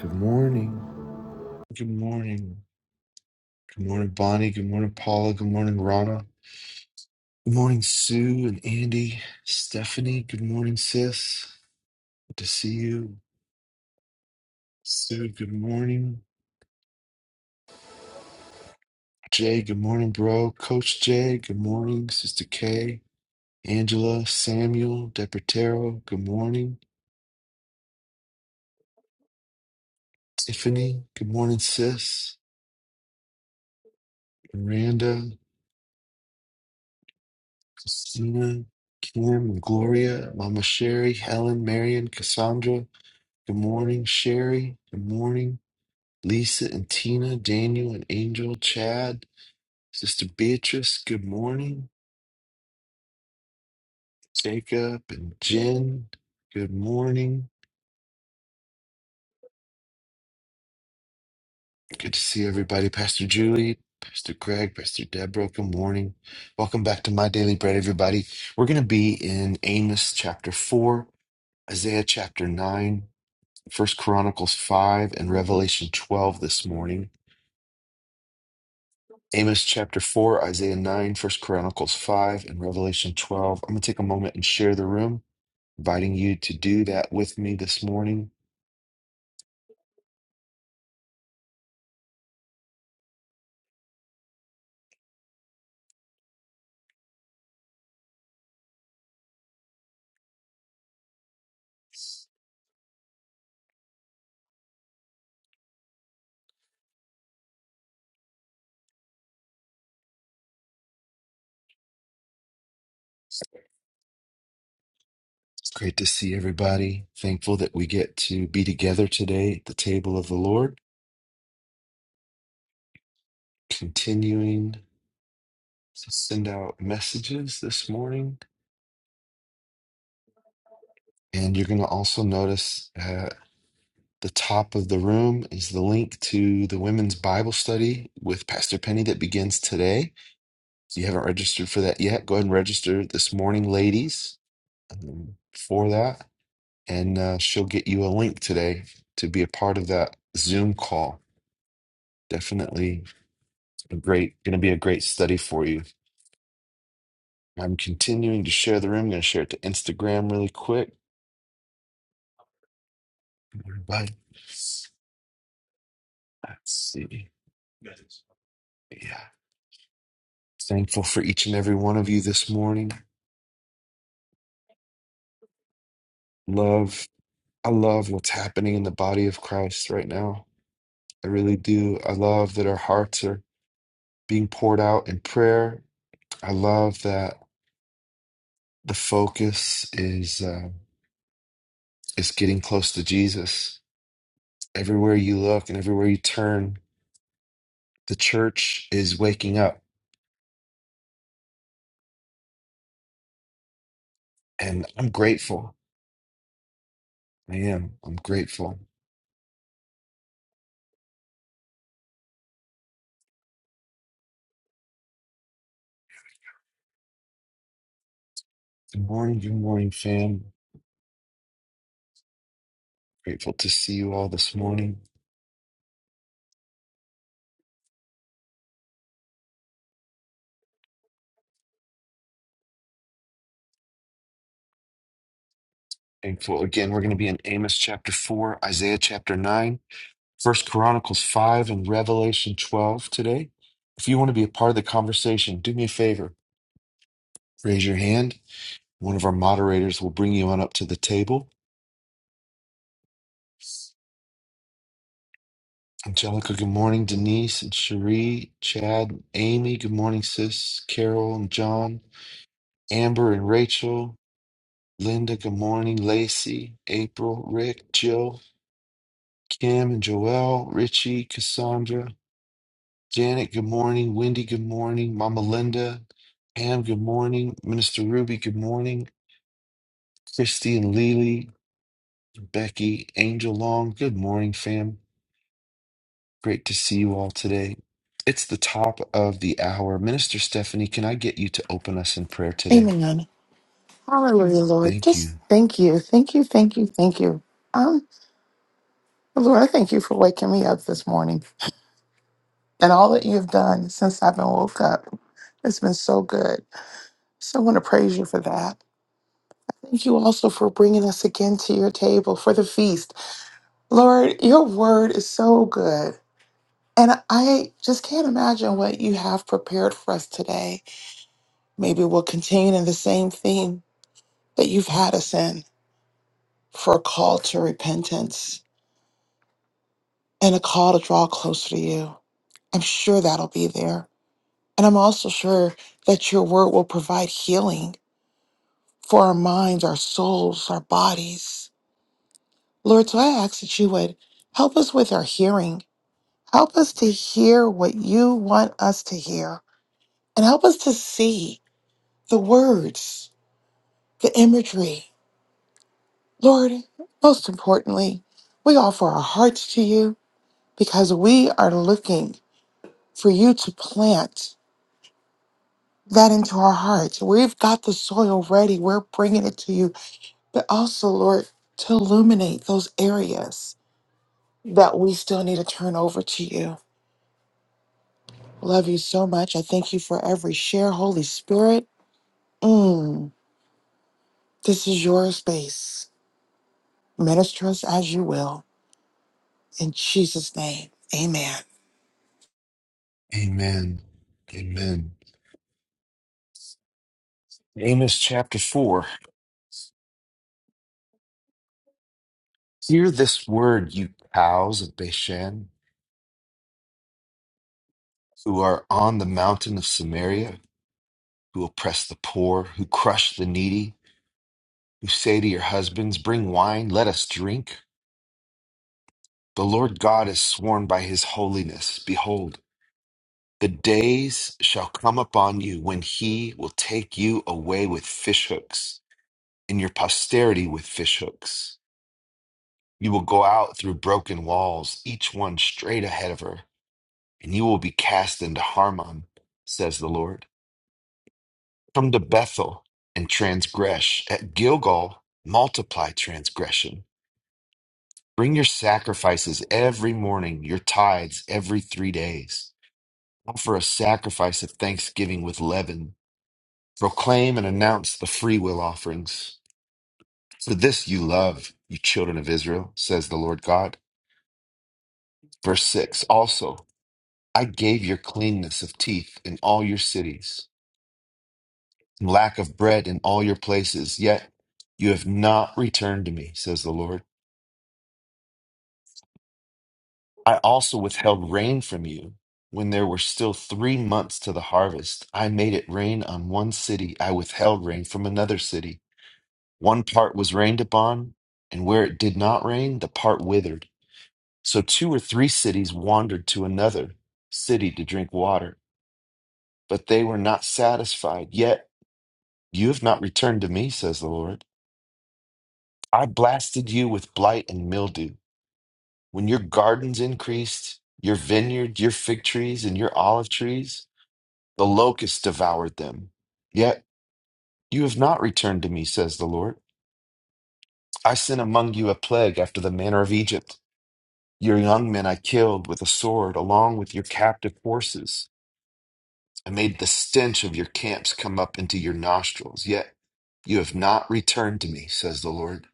Good morning. Good morning. Good morning, Bonnie. Good morning, Paula. Good morning, Rana. Good morning, Sue and Andy. Stephanie, good morning, sis. Good to see you. Sue, good morning. Jay, good morning, bro. Coach Jay, good morning. Sister Kay, Angela, Samuel, Depertero, good morning. Tiffany, good morning, sis. Miranda, Christina, Kim, and Gloria, Mama Sherry, Helen, Marion, Cassandra. Good morning, Sherry. Good morning, Lisa and Tina, Daniel and Angel, Chad, Sister Beatrice. Good morning, Jacob and Jen. Good morning. Good to see everybody. Pastor Julie, Pastor Greg, Pastor Deborah. Good morning. Welcome back to My Daily Bread, everybody. We're going to be in Amos chapter 4, Isaiah chapter 9, First Chronicles 5, and Revelation 12 this morning. Amos chapter 4, Isaiah 9, First Chronicles 5, and Revelation 12. I'm going to take a moment and share the room, inviting you to do that with me this morning. It's great to see everybody. Thankful that we get to be together today at the table of the Lord. Continuing to send out messages this morning. And you're going to also notice uh, the top of the room is the link to the women's Bible study with Pastor Penny that begins today. If you haven't registered for that yet, go ahead and register this morning, ladies, um, for that. And uh, she'll get you a link today to be a part of that Zoom call. Definitely a great, going to be a great study for you. I'm continuing to share the room. I'm going to share it to Instagram really quick. Everybody, Let's see. Yeah. Thankful for each and every one of you this morning. love I love what's happening in the body of Christ right now. I really do. I love that our hearts are being poured out in prayer. I love that the focus is uh, is getting close to Jesus. Everywhere you look and everywhere you turn, the church is waking up, and I'm grateful. I am. I'm grateful. Good morning, good morning, fam. Grateful to see you all this morning. Thankful again. We're going to be in Amos chapter four, Isaiah chapter nine. First Chronicles 5 and Revelation 12 today. If you want to be a part of the conversation, do me a favor. Raise your hand. One of our moderators will bring you on up to the table. Angelica, good morning. Denise and Cherie, Chad, Amy, good morning, sis. Carol and John, Amber and Rachel, Linda, good morning. Lacey, April, Rick, Jill, Kim and Joelle, Richie, Cassandra, Janet, good morning. Wendy, good morning. Mama Linda, Pam, good morning. Minister Ruby, good morning. Christy and Lily, Becky, Angel Long, good morning, fam. Great to see you all today. It's the top of the hour. Minister Stephanie, can I get you to open us in prayer today? Amen. Hallelujah, Lord. Thank Just you. thank you. Thank you. Thank you. Thank you. Um, Lord, I thank you for waking me up this morning and all that you've done since I've been woke up. It's been so good. So I want to praise you for that. Thank you also for bringing us again to your table for the feast. Lord, your word is so good. And I just can't imagine what you have prepared for us today. Maybe we'll continue in the same theme that you've had us in for a call to repentance and a call to draw closer to you. I'm sure that'll be there. And I'm also sure that your word will provide healing for our minds, our souls, our bodies. Lord, so I ask that you would help us with our hearing. Help us to hear what you want us to hear. And help us to see the words, the imagery. Lord, most importantly, we offer our hearts to you because we are looking for you to plant that into our hearts. We've got the soil ready, we're bringing it to you, but also, Lord, to illuminate those areas that we still need to turn over to you. Love you so much. I thank you for every share, Holy Spirit. Mm, this is your space. Minister us as you will. In Jesus' name, amen. Amen. Amen. Amos chapter 4. Hear this word, you cows of Bashan who are on the mountain of Samaria. who oppress the poor, who crush the needy, who say to your husbands, Bring wine, let us drink. The Lord God has sworn by his holiness, Behold, the days shall come upon you when he will take you away with fishhooks, and your posterity with fishhooks. You will go out through broken walls, each one straight ahead of her, and you will be cast into Harmon, says the Lord. Come to Bethel and transgress. At Gilgal, multiply transgression Bring your sacrifices every morning, your tithes every three days. Offer a sacrifice of thanksgiving with leaven. Proclaim and announce the freewill offerings. For this you love, you children of Israel, says the Lord God. Verse 6 Also, I gave your cleanness of teeth in all your cities, and lack of bread in all your places, yet you have not returned to me, says the Lord. I also withheld rain from you when there were still three months to the harvest. I made it rain on one city. I withheld rain from another city. One part was rained upon, and where it did not rain, the part withered. So two or three cities wandered to another city to drink water, but they were not satisfied. Yet you have not returned to me, says the Lord. I blasted you with blight and mildew. When your gardens increased, your vineyard, your fig trees, and your olive trees, The locusts devoured them. Yet you have not returned to me, says the Lord. I sent among you a plague after the manner of Egypt. Your young men I killed with a sword, along with your captive horses. I made the stench of your camps come up into your nostrils. Yet you have not returned to me, says the Lord.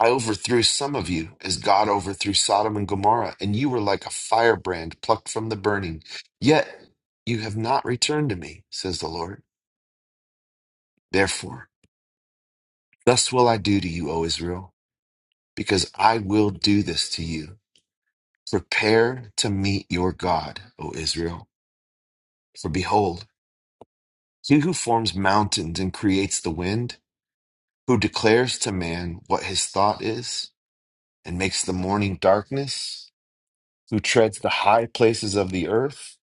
I overthrew some of you as God overthrew Sodom and Gomorrah, and you were like a firebrand plucked from the burning. Yet you have not returned to me, says the Lord. Therefore, Thus will I do to you, O Israel, because I will do this to you. Prepare to meet your God, O Israel. For behold, he who forms mountains and creates the wind, who declares to man what his thought is, and makes the morning darkness, who treads the high places of the earth,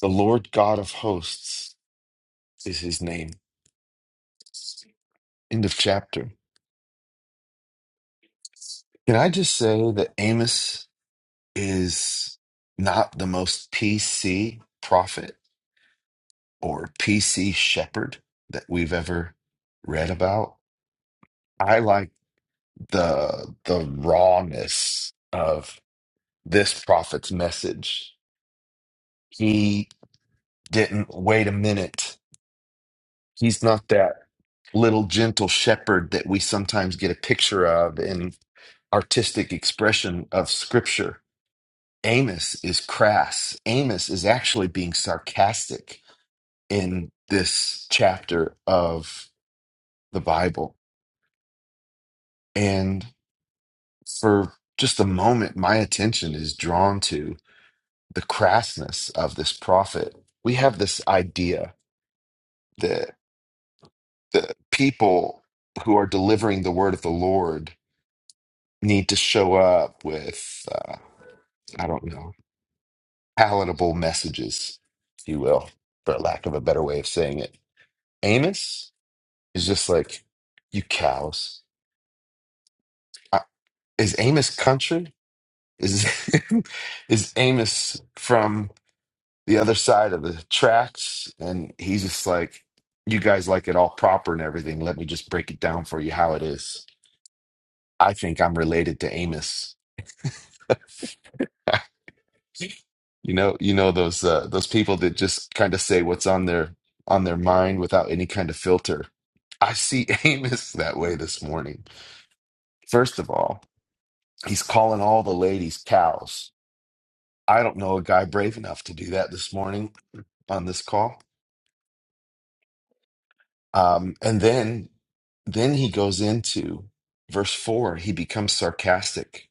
the Lord God of hosts is his name. End of chapter. Can I just say that Amos is not the most PC prophet? or P.C. Shepherd that we've ever read about. I like the the rawness of this prophet's message. He didn't wait a minute. He's not that little gentle shepherd that we sometimes get a picture of in artistic expression of scripture. Amos is crass. Amos is actually being sarcastic in this chapter of the Bible. and. for just a moment, my attention is drawn to the crassness of this prophet. We have this idea that the people who are delivering the word of the Lord need to show up with, uh, I don't know, palatable messages, if you will, for lack of a better way of saying it. Amos is just like, you cows. I, is Amos country? Is, is Amos from. the other side of the tracks and he's just like you guys like it all proper and everything let me just break it down for you how it is i think i'm related to amos you know you know those uh, those people that just kind of say what's on their on their mind without any kind of filter i see amos that way this morning first of all he's calling all the ladies cows i don't know a guy brave enough to do that this morning on this call Um, and then then he goes into verse 4 he becomes sarcastic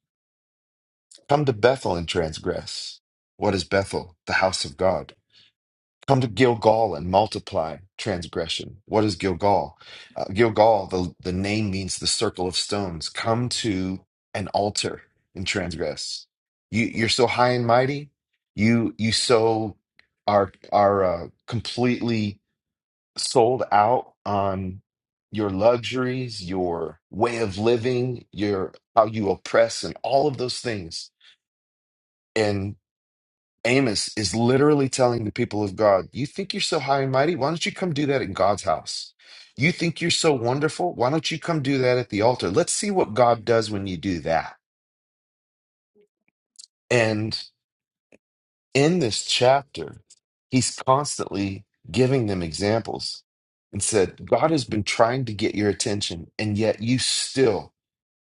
come to bethel and transgress what is bethel the house of god come to gilgal and multiply transgression what is gilgal uh, gilgal the, the name means the circle of stones come to an altar and transgress you, you're so high and mighty you you so are are uh, completely sold out on your luxuries, your way of living, your how you oppress, and all of those things. And Amos is literally telling the people of God, You think you're so high and mighty? Why don't you come do that in God's house? You think you're so wonderful? Why don't you come do that at the altar? Let's see what God does when you do that. And in this chapter, he's constantly giving them examples and said, God has been trying to get your attention, and yet you still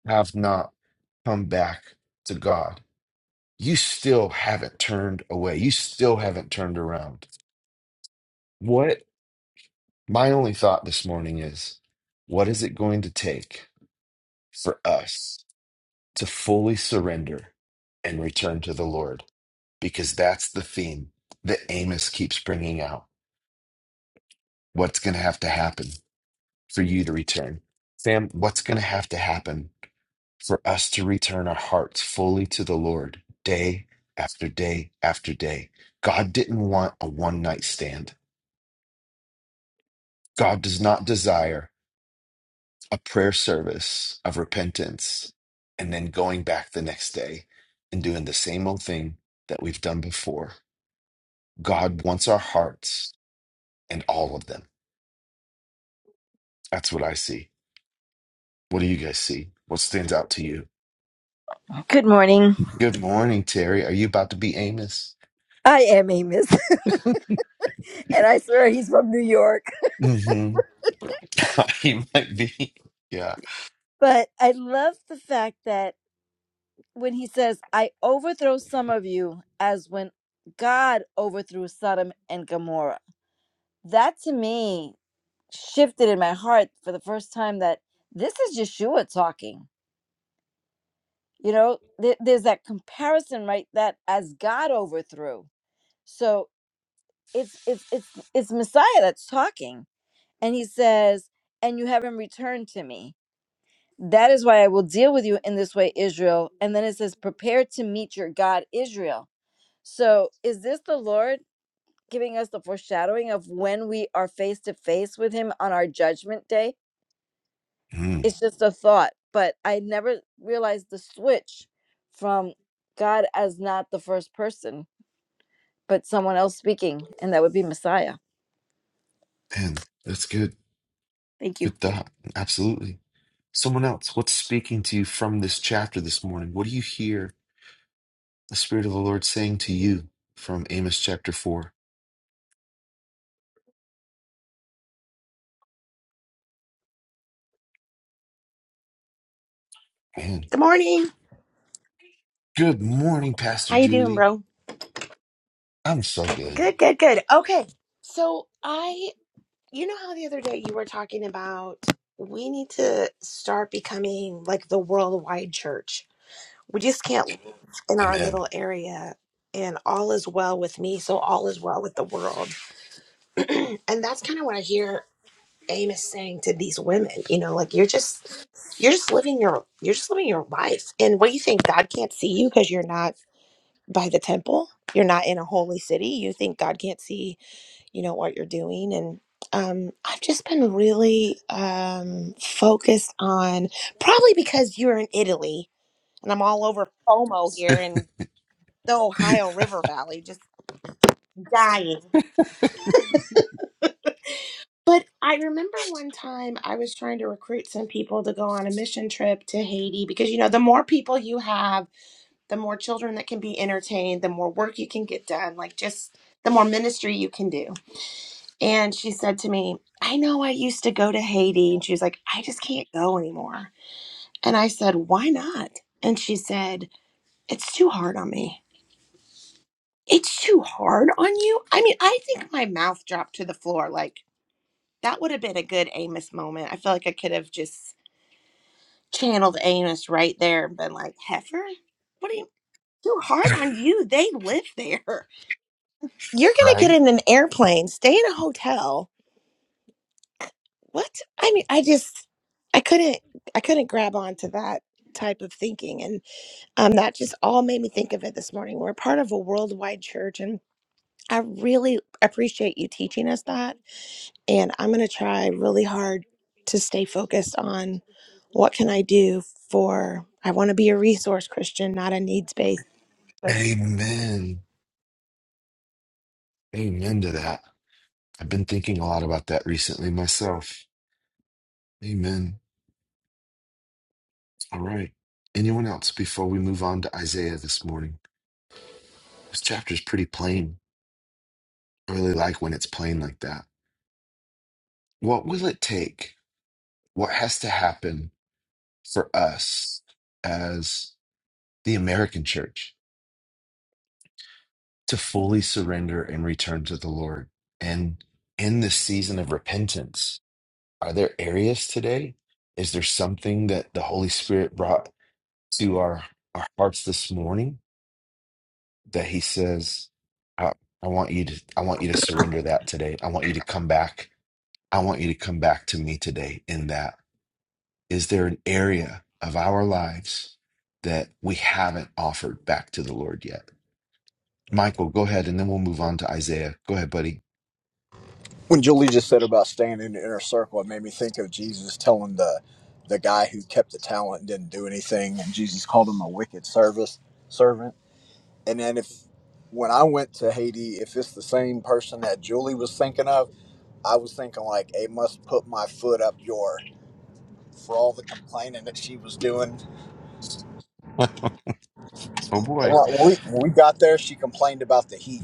have not come back to God. You still haven't turned away. You still haven't turned around. What my only thought this morning is what is it going to take for us to fully surrender and return to the Lord? Because that's the theme that Amos keeps bringing out. What's going to have to happen for you to return? Sam, what's going to have to happen for us to return our hearts fully to the Lord day after day after day. God didn't want a one night stand. God does not desire a prayer service of repentance and then going back the next day and doing the same old thing that we've done before. God wants our hearts and all of them. That's what I see. What do you guys see? What stands out to you? Good morning. Good morning, Terry. Are you about to be Amos? I am in New York, Mm-hmm. he might be. Yeah. but I love the fact that when he says, "I overthrow some of you as when God overthrew Sodom and Gomorrah." That to me shifted in my heart for the first time that this is Yeshua talking. You know, there, there's that comparison right that as God overthrew. So it's it's it's it's Messiah that's talking and he says, "And you haven't returned to me." That is why I will deal with you in this way, Israel. And then it says, prepare to meet your God, Israel. So is this the Lord giving us the foreshadowing of when we are face to face with him on our judgment day? Hmm. It's just a thought, but I never realized the switch from God as not the first person, but someone else speaking, and that would be Messiah. Man, that's good. Thank you. Good thought. Absolutely. Someone else, what's speaking to you from this chapter this morning? What do you hear the Spirit of the Lord saying to you from Amos chapter 4? Man, Good morning. good morning, How Pastor you doing, Julie. bro? I'm so good. Good, good, good. Okay. So I you know how the other day you were talking about we need to start becoming like the worldwide church. We just can't live in our Amen. little area and all is well with me, so all is well with the world. and that's kind of what I hear Amos saying to these women, you know, like you're just you're just living your you're just living your life. And what do you think? God can't see you because you're not by the temple. You're not in a holy city. You think God can't see, you know, what you're doing. And um, I've just been really um, focused on probably because you're in Italy and I'm all over FOMO here in the Ohio River Valley, just dying. But I remember one time I was trying to recruit some people to go on a mission trip to Haiti because, you know, the more people you have, the more children that can be entertained, the more work you can get done, like just the more ministry you can do. And she said to me, I know I used to go to Haiti. And she was like, I just can't go anymore. And I said, Why not? And she said, It's too hard on me. It's too hard on you? I mean, I think my mouth dropped to the floor. Like, that would have been a good Amos moment. I feel like I could have just channeled Amos right there and been like, Heifer, what are you? Too hard on you. They live there. You're going to get Right? in an airplane, stay in a hotel, what i mean i just i couldn't i couldn't grab on to that type of thinking and um that just all made me think of it this morning we're part of a worldwide church and i really appreciate you teaching us that and i'm going to try really hard to stay focused on what can i do for i want to be a resource christian not a needs based Amen. Amen to that. I've been thinking a lot about that recently myself. Amen. All right. Anyone else before we move on to Isaiah this morning? This chapter is pretty plain. I really like when it's plain like that. What will it take? What has to happen for us as the American church to fully surrender and return to the Lord? And in this season of repentance, are there areas today? Is there something that the Holy Spirit brought to our, our hearts this morning that He says, I, I want you to I want you to surrender that today. I want you to come back. I want you to come back to me today in that. Is there an area of our lives that we haven't offered back to the Lord yet? Michael, go ahead, and then we'll move on to Isaiah. Go ahead, buddy. when Julie just said about staying in the inner circle, it made me think of Jesus telling the the guy who kept the talent and didn't do anything, and Jesus called him a wicked service servant. And then if when I went to Haiti, if it's the same person that Julie was thinking of, I was thinking like, "Hey, must put my foot up your." For all the complaining that she was doing, And when we when we got there, she complained about the heat.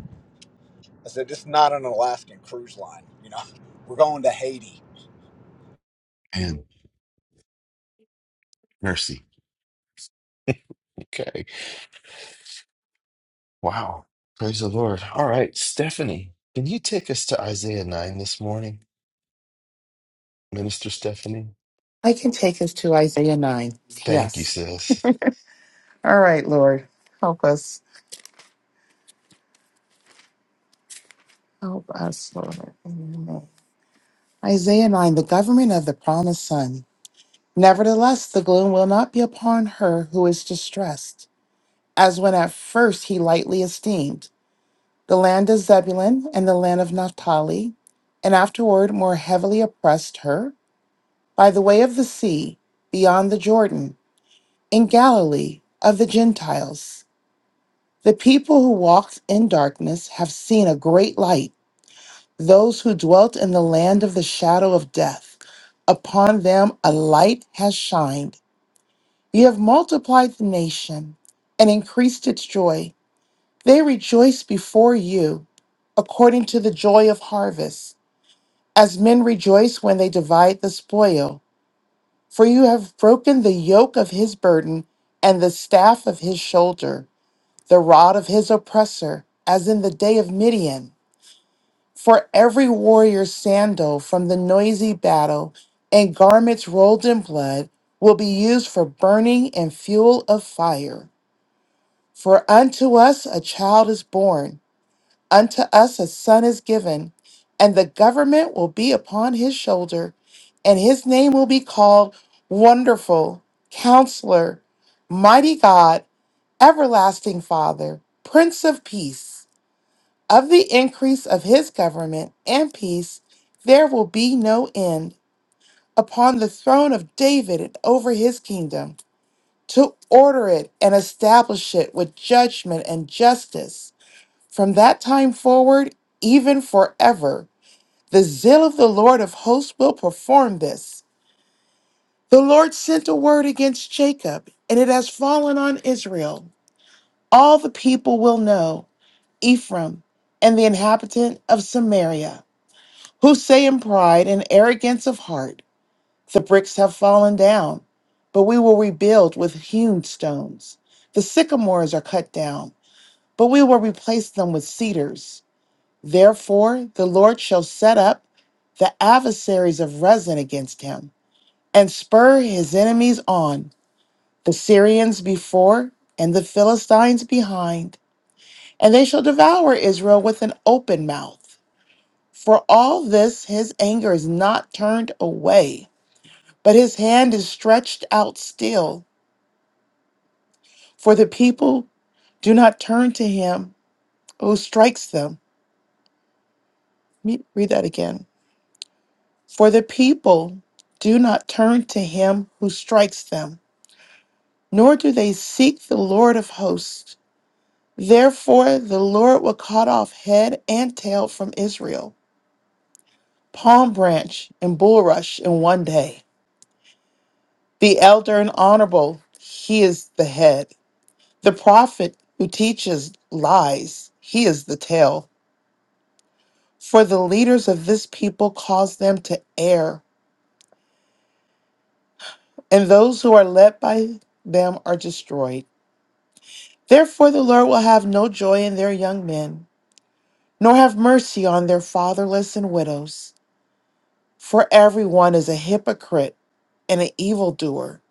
I said, "This is not an Alaskan cruise line. You know, we're going to Haiti." And mercy. Okay. Wow. Praise the Lord. All right, Stephanie, can you take us to Isaiah 9 this morning? Minister Stephanie? I can take us to Isaiah 9. Thank you, Yes. sis. All right, Lord. Help us. Help us, Lord. Amen. Isaiah 9, the government of the promised son. Nevertheless, the gloom will not be upon her who is distressed, as when at first he lightly esteemed the land of Zebulun and the land of Naphtali, and afterward more heavily oppressed her by the way of the sea, beyond the Jordan, in Galilee of the Gentiles. The people who walked in darkness have seen a great light. Those who dwelt in the land of the shadow of death, upon them a light has shined. You have multiplied the nation and increased its joy. They rejoice before you according to the joy of harvest, as men rejoice when they divide the spoil. For you have broken the yoke of his burden and the staff of his shoulder, the rod of his oppressor, as in the day of Midian. For every warrior's sandal from the noisy battle and garments rolled in blood will be used for burning and fuel of fire. For unto us a child is born, unto us a son is given, and the government will be upon his shoulder, and his name will be called Wonderful, Counselor, Mighty God, Everlasting Father, Prince of Peace. Of the increase of his government and peace, there will be no end upon the throne of David and over his kingdom, to order it and establish it with judgment and justice from that time forward, even forever, the zeal of the Lord of hosts will perform this. The Lord sent a word against Jacob, and it has fallen on Israel. All the people will know Ephraim and the inhabitant of Samaria, who say in pride and arrogance of heart, The bricks have fallen down, but we will rebuild with hewn stones. The sycamores are cut down, but we will replace them with cedars. Therefore, the Lord shall set up the adversaries of Rezin against him, and spur his enemies on, the Syrians before, and the Philistines behind, and they shall devour Israel with an open mouth. For all this, his anger is not turned away, but his hand is stretched out still. For the people do not turn to him who strikes them. Let me read that again. For the people do not turn to him who strikes them, nor do they seek the Lord of hosts. Therefore, the Lord will cut off head and tail from Israel, palm branch and bulrush in one day. The elder and honorable, he is the head. The prophet who teaches lies, he is the tail. For the leaders of this people cause them to err, and those who are led by them are destroyed. Therefore, the Lord will have no joy in their young men, nor have mercy on their fatherless and widows. For everyone is a hypocrite and an evildoer,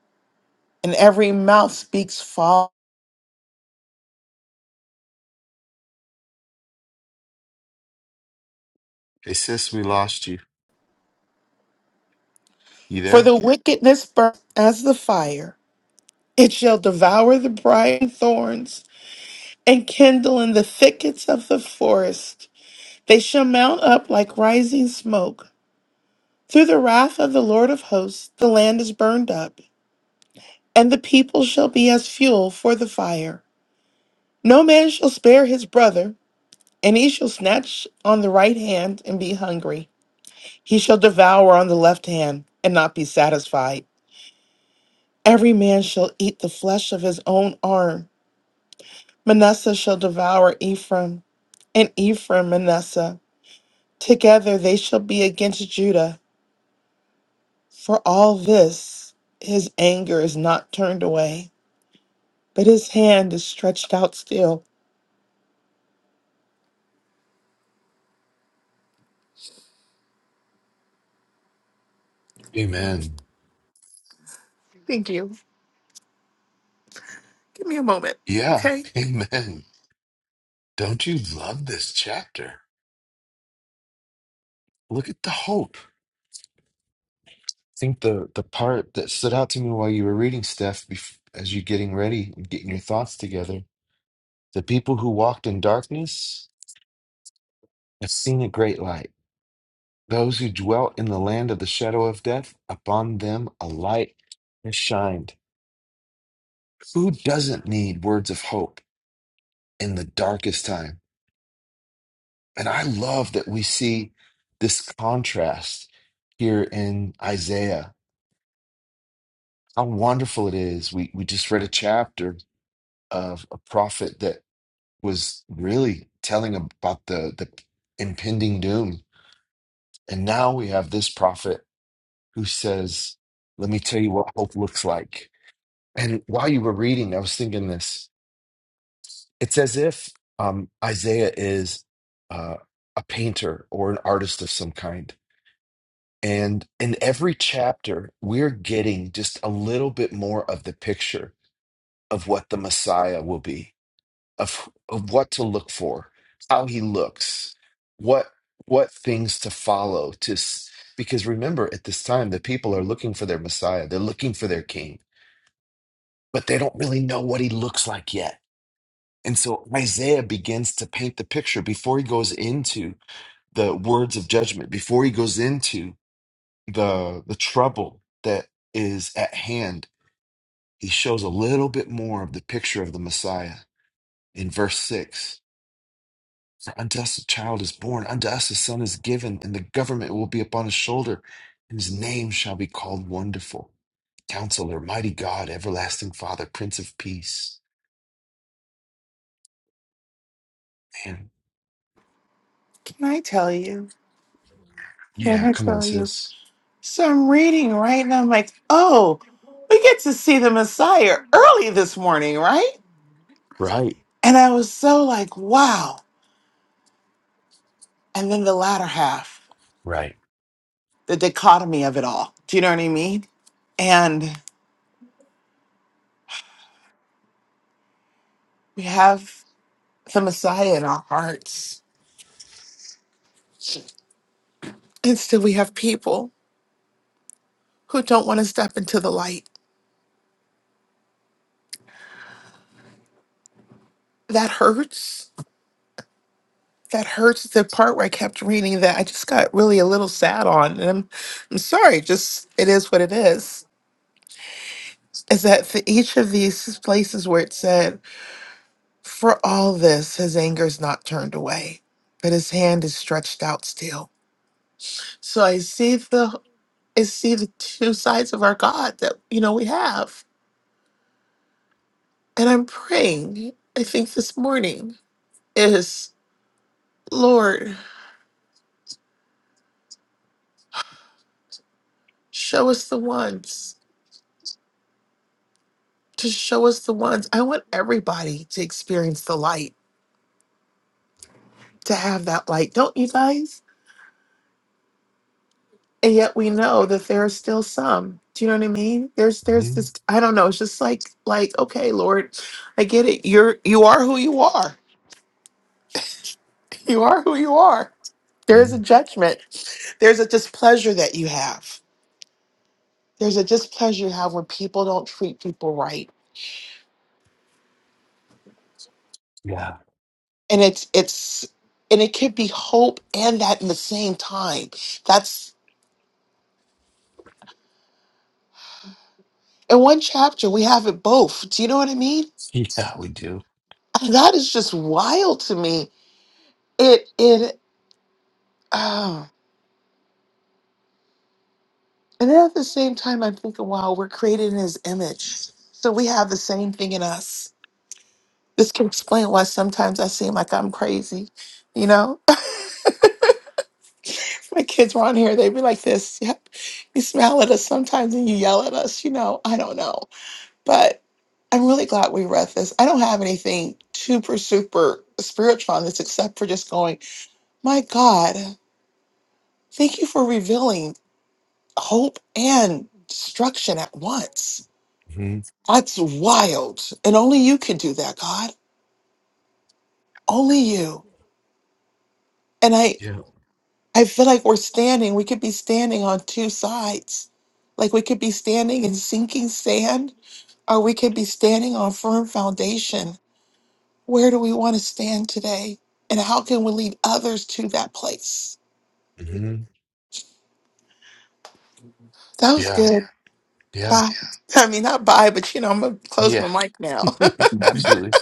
and every mouth speaks false. Hey, sis, we lost you. You For there? the wickedness burns as the fire, it shall devour the briar and thorns, and kindle in the thickets of the forest. They shall mount up like rising smoke. Through the wrath of the Lord of hosts, the land is burned up, and the people shall be as fuel for the fire. No man shall spare his brother, and he shall snatch on the right hand and be hungry. He shall devour on the left hand and not be satisfied. Every man shall eat the flesh of his own arm. Manasseh shall devour Ephraim, and Ephraim Manasseh. Together they shall be against Judah. For all this, his anger is not turned away, but his hand is stretched out still. Amen. Thank you. Give me a moment, Yeah, okay? amen. Don't you love this chapter? Look at the hope. think the the part that stood out to me while you were reading, Steph, bef as you're getting ready and getting your thoughts together, the people who walked in darkness have seen a great light. Those who dwelt in the land of the shadow of death, upon them a light has shined. Who doesn't need words of hope in the darkest time? And I love that we see this contrast here in Isaiah. How wonderful it is. We we just read a chapter of a prophet that was really telling about the the impending doom. And now we have this prophet who says, "Let me tell you what hope looks like." And while you were reading, I was thinking this. It's as if um, Isaiah is uh, a painter or an artist of some kind. And in every chapter, we're getting just a little bit more of the picture of what the Messiah will be of, of what to look for, how he looks, what what things to follow to s- because remember at this time the people are looking for their Messiah, they're looking for their king, but they don't really know what he looks like yet. And so Isaiah begins to paint the picture before he goes into the words of judgment, before he goes into the the trouble that is at hand. He shows a little bit more of the picture of the Messiah in verse 6 Unto us a child is born, unto us a son is given, and the government will be upon his shoulder, and his name shall be called Wonderful, Counselor, Mighty God, Everlasting Father, Prince of Peace. Man, Can I tell you? Can yeah, I come on, tell you? sis. So I'm reading, right? And I'm like, oh, we get to see the Messiah early this morning, right? Right, And I was so like, wow. And then the latter half, right. the dichotomy of it all. Do you know what I mean? And we have the Messiah in our hearts. And still we have people who don't want to step into the light. That hurts. That hurts the part where I kept reading that I just got really a little sad on. And I'm, I'm sorry, just it is what it is is that for each of these places where it said, For all this, his anger is not turned away, but his hand is stretched out still. So I see the I see the two sides of our God that you know we have. And I'm praying, I think this morning is Lord, show us the ones. To show us the ones. I want everybody to experience the light, to have that light. Don't you guys? and yet we know that there are still some do you know what i mean there's there's hmm this i don't know it's just like like okay lord i get it you're you are who you are you are who you are there's a judgment there's a displeasure that you have there's a displeasure you have when people don't treat people right Yeah, and it's it's and it could be hope and that in the same time that's in one chapter we have it both do you know what i mean yeah, we do. that is just wild to me it it oh. And then at the same time, I'm thinking, wow, we're created in his image. So we have the same thing in us. This can explain why sometimes I seem like I'm crazy. You know, my kids were on here, they'd be like this. Yep. You smile at us sometimes and you yell at us. You know, I don't know. But I'm really glad we read this. I don't have anything super, super spiritual on this except for just going, my God, thank you for revealing hope and destruction at once hmm That's wild. And only you can do that, God. Only you. And I Yeah, I feel like we're standing, we could be standing on two sides. Like we could be standing in sinking sand or we could be standing on firm foundation. Where do we want to stand today? And how can we lead others to that place? hmm That was yeah, good. yeah, Bye. I mean, not bye, but you know, I'm going to close my yeah. mic now. Absolutely,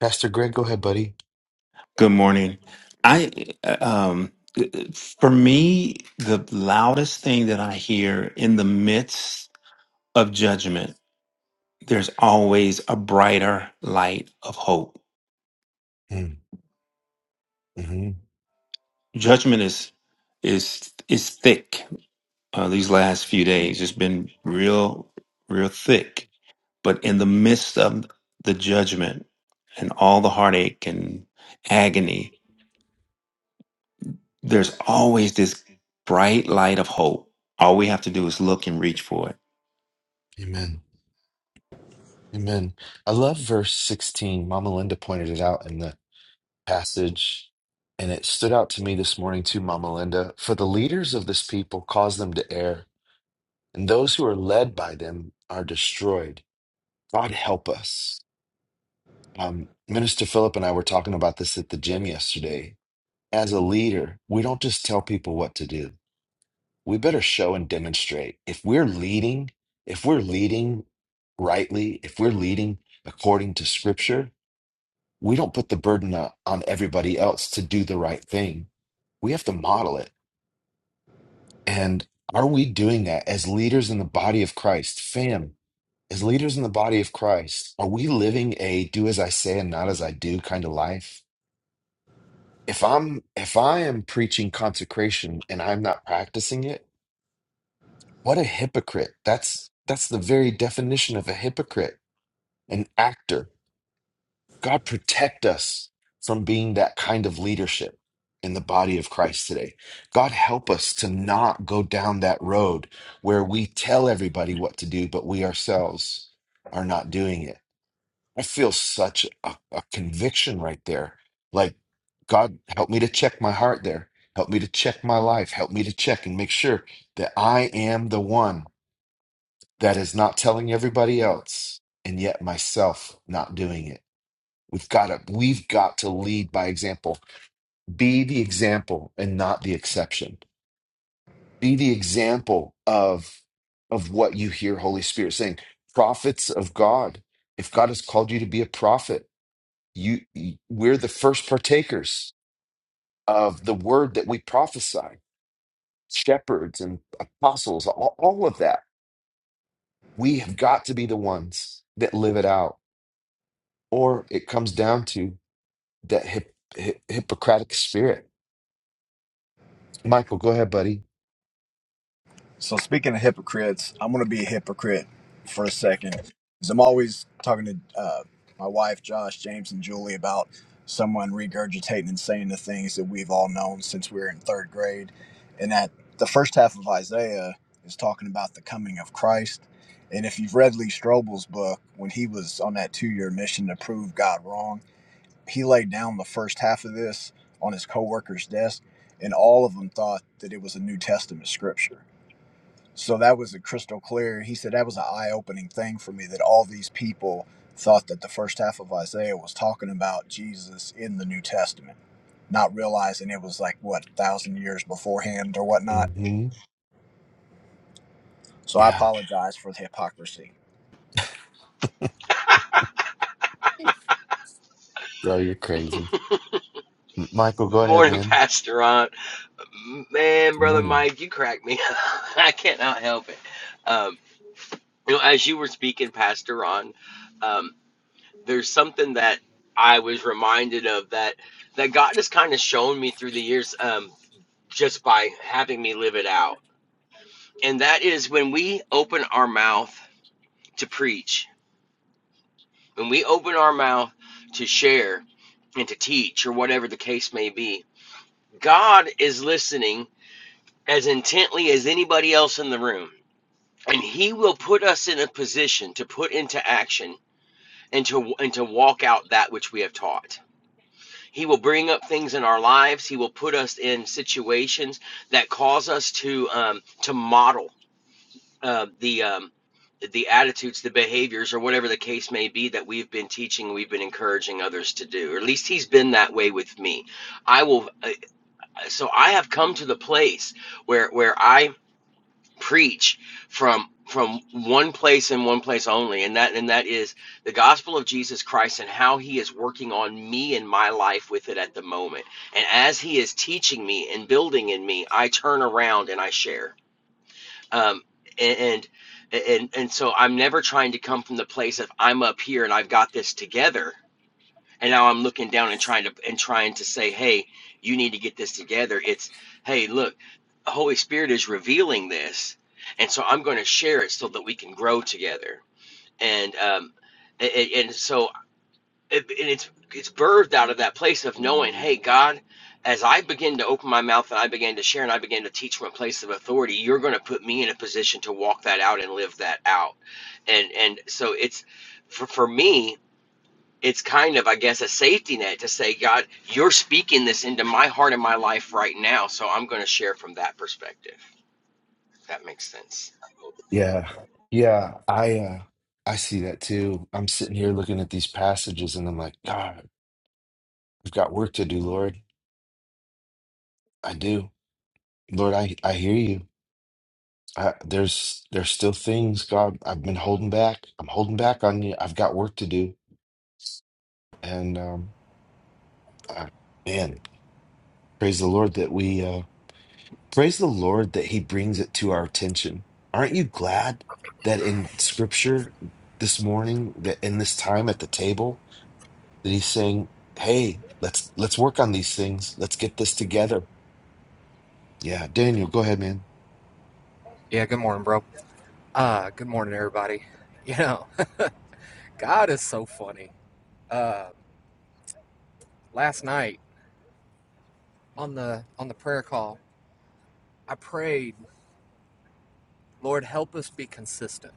Pastor Greg, go ahead, buddy. Good morning. I uh, um for me the loudest thing that I hear in the midst of judgment there's always a brighter light of hope. Mm-hmm. mm-hmm. Judgment is is is thick. Uh, these last few days it's been real real thick, but in the midst of the judgment and all the heartache and agony There's always this bright light of hope. All we have to do is look and reach for it. Amen. Amen. I love verse 16. Mama Linda pointed it out in the passage, and it stood out to me this morning too, Mama Linda. For the leaders of this people cause them to err, and those who are led by them are destroyed. God help us. Um, Minister Philip and I were talking about this at the gym yesterday. As a leader, we don't just tell people what to do. We better show and demonstrate. If we're leading, if we're leading rightly, if we're leading according to scripture, we don't put the burden o- on everybody else to do the right thing. We have to model it. And are we doing that as leaders in the body of Christ? Fam, as leaders in the body of Christ, are we living a do as I say and not as I do kind of life? If I'm if I am preaching consecration and I'm not practicing it, what a hypocrite. That's that's the very definition of a hypocrite, an actor God protect us from being that kind of leadership in the body of Christ today. God help us to not go down that road where we tell everybody what to do, but we ourselves are not doing it. I feel such a, a conviction right there. Like, God, help me to check my heart there. Help me to check my life. Help me to check and make sure that I am the one that is not telling everybody else and yet myself not doing it. We've got to we've got to lead by example. Be the example and not the exception. Be the example of of what you hear Holy Spirit saying. Prophets of God. If God has called you to be a prophet, you you- we're the first partakers of the word that we prophesy. Shepherds and apostles, all, all of that. We have got to be the ones that live it out. Or it comes down to that hip, hip, Hippocratic spirit. Michael, go ahead, buddy. So speaking of hypocrites, I'm gonna be a hypocrite for a second, 'cause I'm always talking to uh, my wife, Josh, James, and Julie about someone regurgitating and saying the things that we've all known since we were in third grade, and that the first half of Isaiah is talking about the coming of Christ. And if you've read Lee Strobel's book, when he was on that two-year mission to prove God wrong, he laid down the first half of this on his co-worker's desk, and all of them thought that it was a New Testament scripture so that was a crystal clear. He said that was an eye opening thing for me that all these people thought that the first half of Isaiah was talking about Jesus in the New Testament, not realizing it was like, what, a thousand years beforehand or whatnot. hmm So I Yeah. apologize for the hypocrisy. Bro, you're crazy. M- Michael, go ahead, Morning, man. Pastor Ron. Man, Good Brother morning. Mike, you crack me up. I cannot help it. Um, you know, as you were speaking, Pastor Ron, um, there's something that I was reminded of that that God has kind of shown me through the years um, just by having me live it out. And that is when we open our mouth to preach, when we open our mouth to share and to teach or whatever the case may be, God is listening as intently as anybody else in the room and he will put us in a position to put into action and to and to walk out that which we have taught he will bring up things in our lives he will put us in situations that cause us to um, to model uh, the um, the attitudes the behaviors or whatever the case may be that we've been teaching we've been encouraging others to do or at least he's been that way with me i will uh, so i have come to the place where where i preach from from one place and one place only and that and that is the gospel of Jesus Christ and how he is working on me and my life with it at the moment and as he is teaching me and building in me I turn around and I share um and and and, and so I'm never trying to come from the place of I'm up here and I've got this together and now I'm looking down and trying to and trying to say, hey, you need to get this together. It's hey, look, the Holy Spirit is revealing this, and so I'm going to share it so that we can grow together. And um, and, and so it, and it's it's birthed out of that place of knowing, hey, God. As I begin to open my mouth and I began to share and I began to teach from a place of authority, you're going to put me in a position to walk that out and live that out. And and so it's for, for me, it's kind of, I guess, a safety net to say, God, you're speaking this into my heart and my life right now. So I'm going to share from that perspective. If that makes sense. Yeah. Yeah. I uh I see that too. I'm sitting here looking at these passages and I'm like, God, I've got work to do, Lord. I do. Lord, I I hear you. I, there's there's still things, God, I've been holding back. I'm holding back on you. I've got work to do. And um I, man, praise the Lord that we uh Praise the Lord that He brings it to our attention. Aren't you glad that in Scripture this morning, that in this time at the table, that He's saying, "Hey, let's let's work on these things. Let's get this together." Yeah, Daniel, go ahead, man. Yeah, good morning, bro. Uh, good morning, everybody. You know, God is so funny. Uh, last night on the on the prayer call, I prayed, Lord, help us be consistent.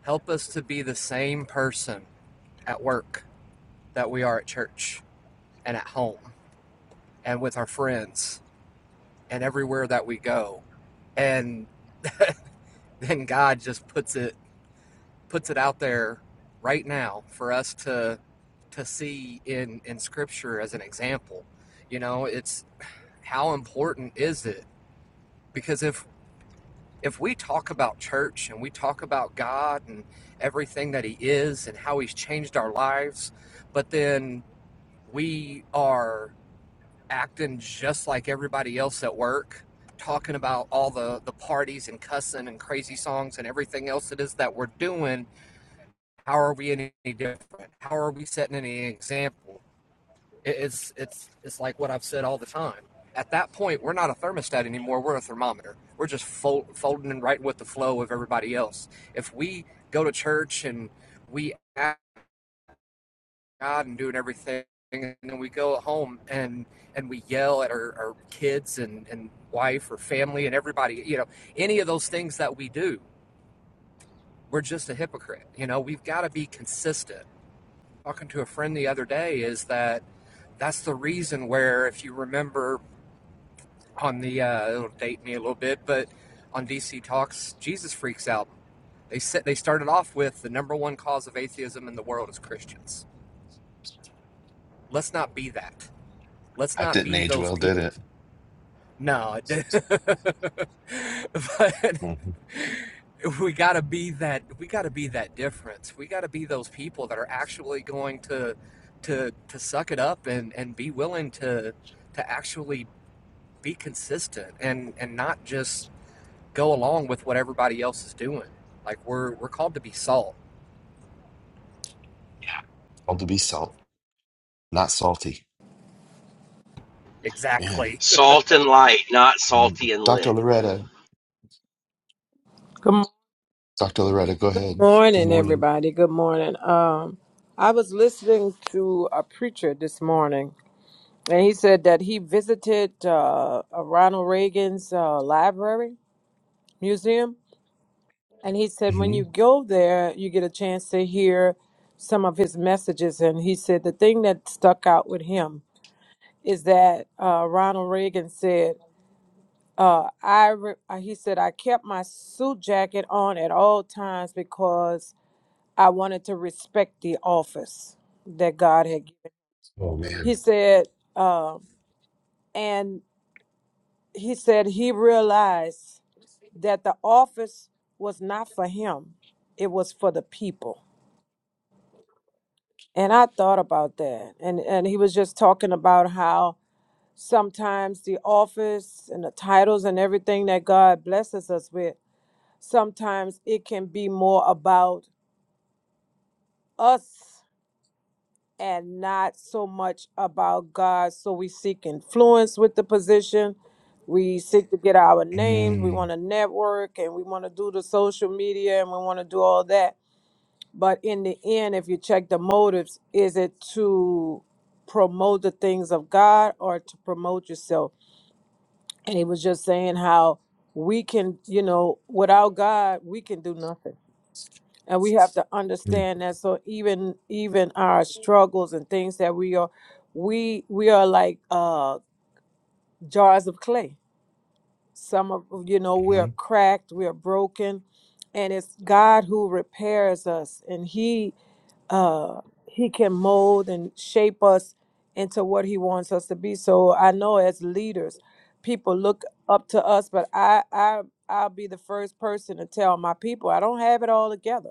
Help us to be the same person at work that we are at church and at home and with our friends and everywhere that we go. And then God just puts it puts it out there right now for us to to see in in scripture as an example you know it's how important is it because if if we talk about church and we talk about god and everything that he is and how he's changed our lives but then we are acting just like everybody else at work talking about all the the parties and cussing and crazy songs and everything else it is that we're doing how are we any different? How are we setting any example? It's it's it's like what I've said all the time. At that point, we're not a thermostat anymore. We're a thermometer. We're just fold, folding and right with the flow of everybody else. If we go to church and we ask God and doing everything, and then we go home and and we yell at our, our kids and, and wife or family and everybody, you know, any of those things that we do, we're just a hypocrite. You know, we've got to be consistent. talking to a friend the other day is that that's the reason where, if you remember on the, uh, it'll date me a little bit, but on DC Talks Jesus Freaks album, they said they started off with the number one cause of atheism in the world is Christians. Let's not be that. Let's That not didn't be age those well, did people. it? No, it didn't. but Mm-hmm. we got to be that. We got to be that difference. We got to be those people that are actually going to to to suck it up and and be willing to to actually be consistent and and not just go along with what everybody else is doing. Like we're we're called to be salt. All to be salt, not salty, man. Exactly. Salt and light, not Mhm. salty and Dr. lit. Loretta, Good Dr. Loretta, go ahead. Good morning, morning. everybody. Good morning. Um, I was listening to a preacher this morning, and he said that he visited uh, uh, Ronald Reagan's uh, library museum, and he said when hmm you go there, you get a chance to hear some of his messages. And he said the thing that stuck out with him is that uh, Ronald Reagan said. Uh, I re- uh, he said I kept my suit jacket on at all times because I wanted to respect the office that God had given. Oh He man. said, um, and he said he realized that the office was not for him, it was for the people. And I thought about that. And, and he was just talking about how sometimes the office and the titles and everything that God blesses us with, sometimes it can be more about us and not so much about God. So we seek influence with the position. We seek to get our names. We want to Mm-hmm. network and we want to do the social media and we want to do all that. But in the end, if you check the motives, is it to promote the things of God or to promote yourself? And he was just saying how we can, you know, without God, we can do nothing and we have to understand that so even even our struggles and things that we are we we are like uh jars of clay some of you know we are Mm-hmm. cracked we are broken and it's god who repairs us and he uh he can mold and shape us into what he wants us to be so i know as leaders people look up to us but i i i'll be the first person to tell my people i don't have it all together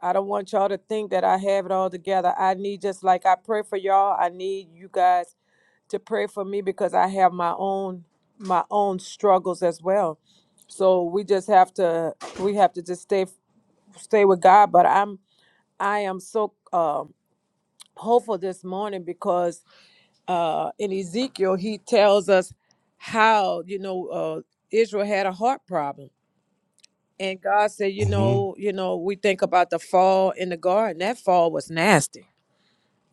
I don't want y'all to think that I have it all together. I need just like I pray for y'all, I need you guys to pray for me because I have my own my own struggles as well. So we just have to we have to just stay stay with God, but I'm I am so um hopeful this morning because uh in Ezekiel he tells us how, you know, uh Israel had a heart problem. And God said, you Mm-hmm. know, you know, we think about the fall in the garden. That fall was nasty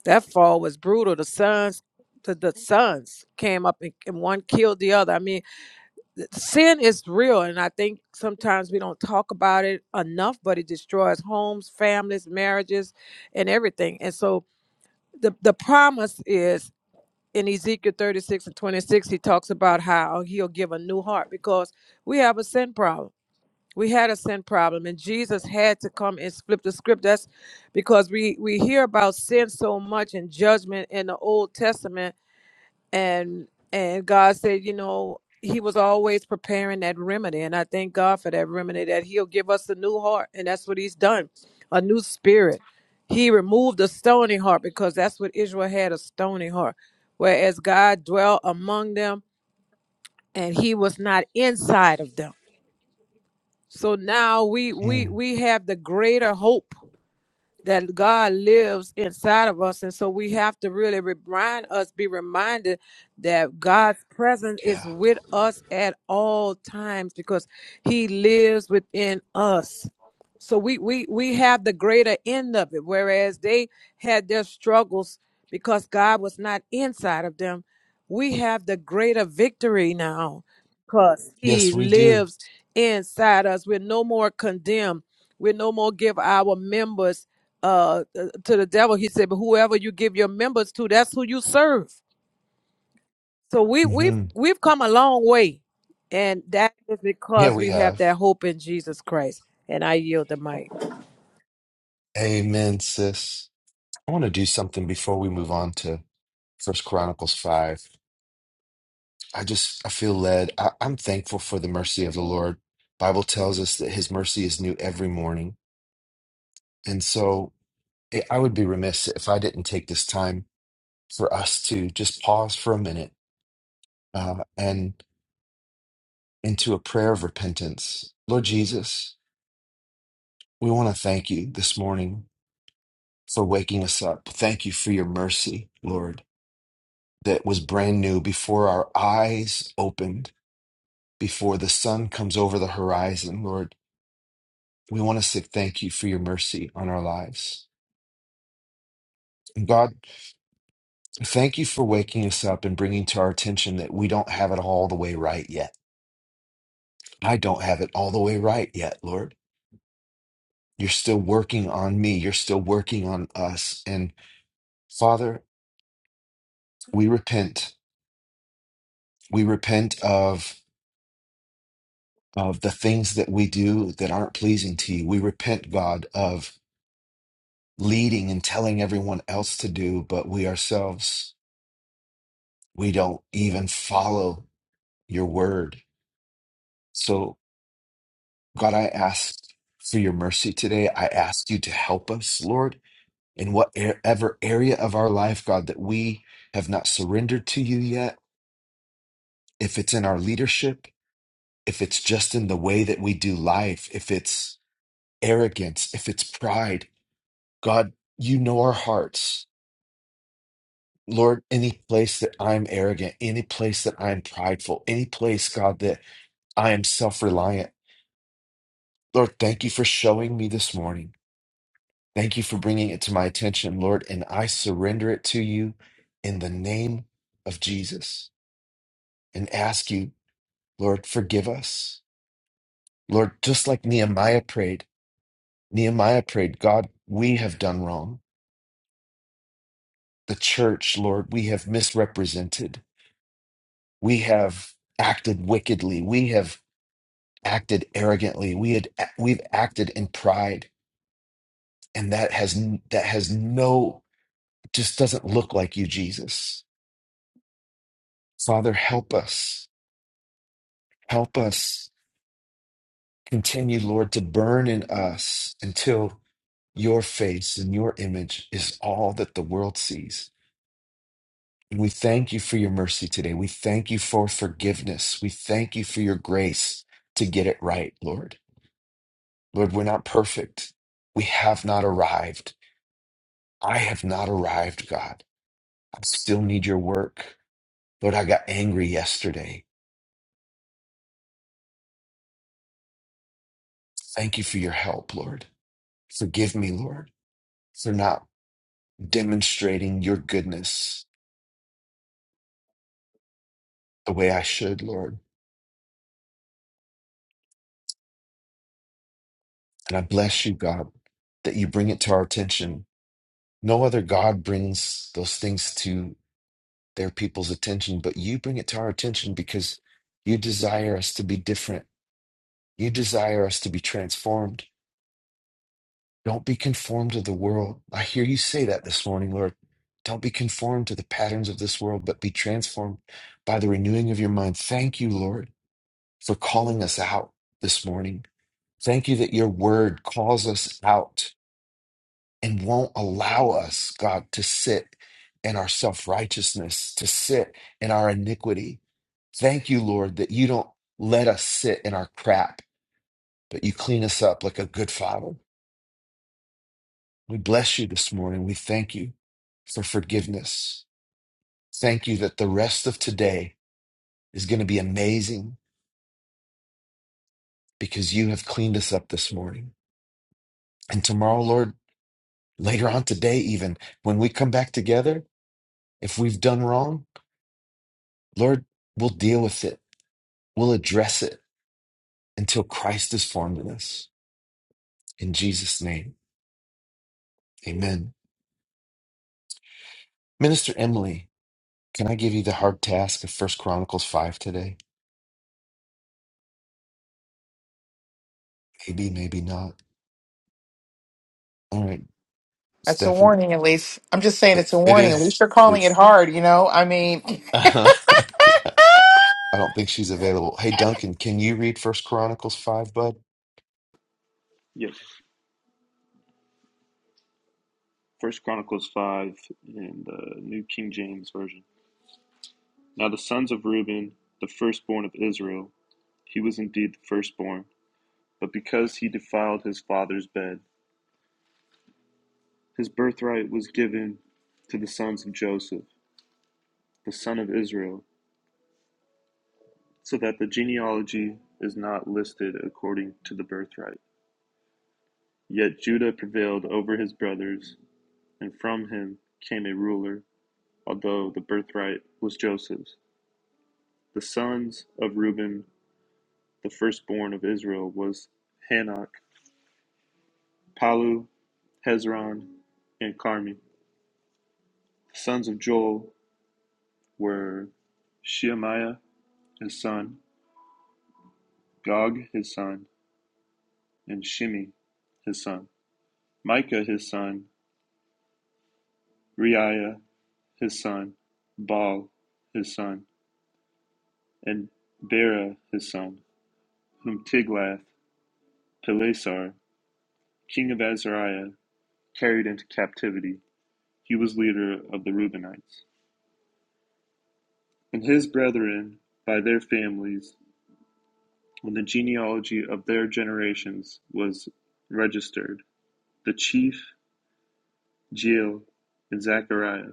That fall was brutal. The sons, the, the sons came up and, and one killed the other. I mean, sin is real, and I think sometimes we don't talk about it enough. But it destroys homes, families, marriages, and everything. And so the the promise is in Ezekiel thirty six and twenty six. He talks about how he'll give a new heart because we have a sin problem we had a sin problem, and Jesus had to come and flip the script. That's because we we hear about sin so much and judgment in the Old Testament, and and God said, you know, He was always preparing that remedy, and I thank God for that remedy that He'll give us a new heart, and that's what He's done, a new spirit. He removed the stony heart because that's what Israel had a stony heart, whereas God dwelt among them, and He was not inside of them. So now we we Mm. we have the greater hope that God lives inside of us. And so we have to really remind us, be reminded that God's presence Yeah. is with us at all times because he lives within us. So we we we have the greater end of it. Whereas they had their struggles because God was not inside of them. We have the greater victory now because Yes, he we do. lives inside us. We're no more condemned. We're no more give our members uh to the devil he said but whoever you give your members to that's who you serve so we we've hmm we've come a long way and that is Yeah, because we we have have. that hope in jesus christ and i yield the mic Amen, sis. I want to do something before we move on to First Chronicles 5. I just I feel led. I, I'm thankful for the mercy of the Lord. Bible tells us that his mercy is new every morning. And so it, I would be remiss if I didn't take this time for us to just pause for a minute uh, and into a prayer of repentance. Lord Jesus, we want to thank you this morning for waking us up. Thank you for your mercy, Lord. that was brand new before our eyes opened, before the sun comes over the horizon, Lord. We want to say thank you for your mercy on our lives. And God, thank you for waking us up and bringing to our attention that we don't have it all the way right yet. I don't have it all the way right yet, Lord. You're still working on me. You're still working on us. And Father, we repent. We repent of of the things that we do that aren't pleasing to you. We repent, God, of leading and telling everyone else to do, but we ourselves, we don't even follow your word. So, God, I ask for your mercy today. I ask you to help us, Lord, in whatever area of our life, God, that we have not surrendered to you yet. If it's in our leadership, if it's just in the way that we do life, if it's arrogance, if it's pride, God, you know our hearts. Lord, any place that I'm arrogant, any place that I'm prideful, any place, God, that I am self reliant, Lord, thank you for showing me this morning. Thank you for bringing it to my attention, Lord, and I surrender it to you in the name of Jesus and ask you, Lord, forgive us. Lord, just like Nehemiah prayed, Nehemiah prayed, God, we have done wrong. The church, Lord, we have misrepresented. We have acted wickedly. We have acted arrogantly. We had we've acted in pride, and that has that has no just doesn't look like you, Jesus. Father, help us. Help us continue, Lord, to burn in us until your face and your image is all that the world sees. And we thank you for your mercy today. We thank you for forgiveness. We thank you for your grace to get it right, Lord. Lord, we're not perfect. We have not arrived. I have not arrived, God I still need your work. Lord, I got angry yesterday. Thank you for your help, Lord. Forgive me, Lord, for not demonstrating your goodness the way I should, Lord. And I bless you, God, that you bring it to our attention. No other God brings those things to their people's attention, but you bring it to our attention because you desire us to be different. You desire us to be transformed. Don't be conformed to the world. I hear you say that this morning, Lord. Don't be conformed to the patterns of this world, but be transformed by the renewing of your mind. Thank you, Lord, for calling us out this morning. Thank you that your word calls us out and won't allow us, God, to sit in our self righteousness, to sit in our iniquity. Thank you, Lord, that you don't let us sit in our crap, but you clean us up like a good father. We bless you this morning. We thank you for forgiveness. Thank you that the rest of today is going to be amazing because you have cleaned us up this morning. And tomorrow, Lord, later on today, even when we come back together, if we've done wrong, Lord, we'll deal with it. We'll address it until Christ is formed in us. In Jesus' name, amen. Minister Emily, can I give you the hard task of First Chronicles 5 today? Maybe, maybe not. All right, That's a Stephen. warning, at least. I'm just saying It, it's a it warning. At is. least you're It calling it is. hard, you know? I mean, I don't think she's available. Hey, Duncan, can you read First Chronicles five, bud? Yes. First Chronicles five in the New King James Version. Now the sons of Reuben, the firstborn of Israel, he was indeed the firstborn, but because he defiled his father's bed, his birthright was given to the sons of Joseph, the son of Israel, so that the genealogy is not listed according to the birthright. Yet Judah prevailed over his brothers, and from him came a ruler, although the birthright was Joseph's. The sons of Reuben The firstborn of Israel was Hanok, Palu, Hezron, and Carmi. The sons of Joel were Shemaiah, his son, Gog, his son, and Shimi, his son, Micah, his son, Reiah, his son, Baal, his son, and Bera, his son, whom Tiglath Pileser, king of Azariah, carried into captivity. He was leader of the Reubenites. and his brethren by their families, when the genealogy of their generations was registered, the chief Jeiel and Zachariah,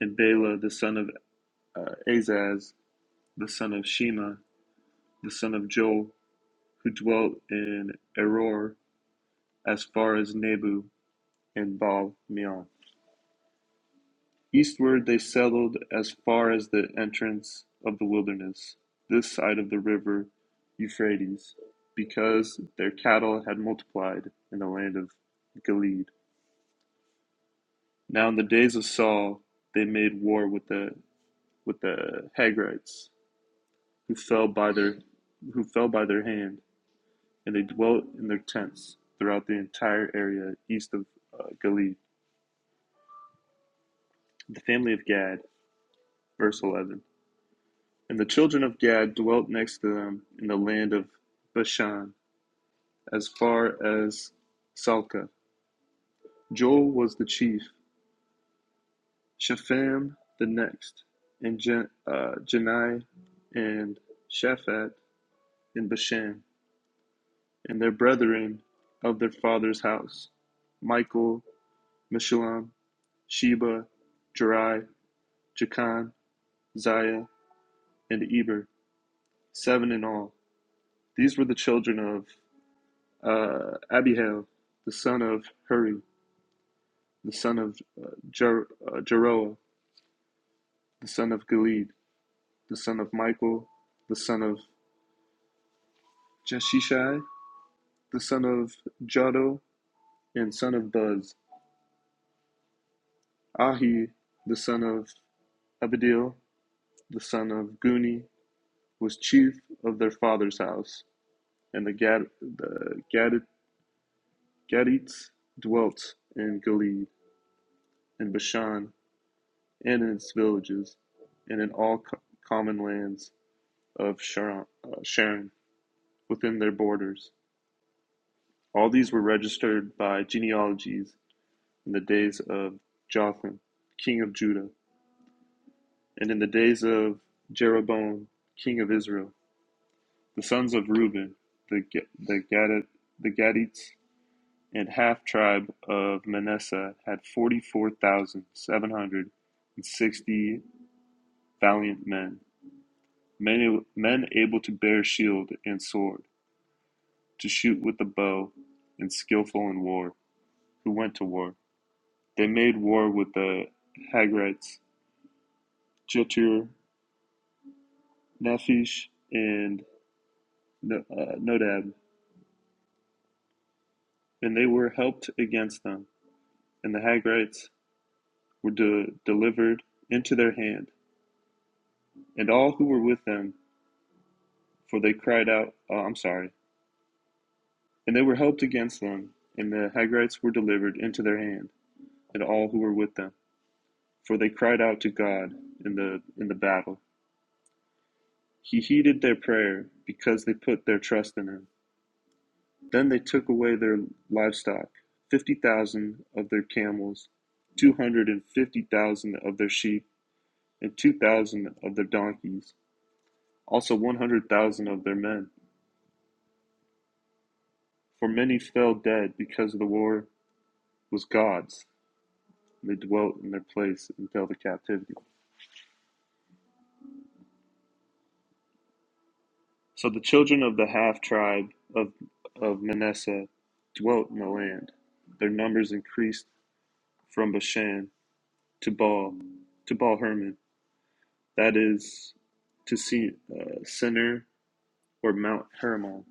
and Bela the son of uh, Azaz, the son of Shema, the son of Joel, who dwelt in Eror as far as Nebu and Baal Meon. Eastward they settled as far as the entrance of the wilderness, this side of the river Euphrates, because their cattle had multiplied in the land of Gilead. Now in the days of Saul they made war with the with the Hagrites, who fell by their who fell by their hand, and they dwelt in their tents throughout the entire area east of uh, Gilead. The family of Gad, verse eleven. And the children of Gad dwelt next to them in the land of Bashan, as far as Salcah. Joel was the chief, Shepham the next, and Jan- uh, Janai and Shaphat in Bashan, and their brethren of their father's house, Michael, Meshulam, Sheba, Jerai, Jachan, Ziah, and Eber, seven in all. These were the children of uh, Abihail, the son of Huri, the son of uh, Jer- uh, Jeroah, the son of Gilead, the son of Michael, the son of Jeshishai, the son of Jado, and son of Buzz. Ahi, the son of Abedil, the son of Guni, was chief of their father's house, and the, Gad- the Gad- Gadites dwelt in Gilead, in Bashan, and in its villages, and in all co- common lands of Sharon, uh, within their borders. All these were registered by genealogies in the days of Jotham, king of Judah, and in the days of Jeroboam, king of Israel. The sons of Reuben, the the Gadit, the Gadites, and half tribe of Manasseh had forty four thousand seven hundred and sixty valiant men, men men able to bear shield and sword, to shoot with the bow, and skillful in war. who went to war. They made war with the Hagrites, Jetur, Nephish, and No- uh, Nodab, and they were helped against them. And the Hagrites were de- delivered into their hand, and all who were with them, for they cried out, oh, I'm sorry. And they were helped against them, and the Hagrites were delivered into their hand, and all who were with them, for they cried out to God in the in the battle. He heeded their prayer because they put their trust in him. Then they took away their livestock, fifty thousand of their camels, two hundred and fifty thousand of their sheep, and two thousand of their donkeys, also one hundred thousand of their men. For many fell dead because the war was God's, and they dwelt in their place until the captivity. So the children of the half tribe of, of Manasseh dwelt in the land. Their numbers increased from Bashan to Baal to Baal Hermon that is, to see, uh, Senir or Mount Hermon.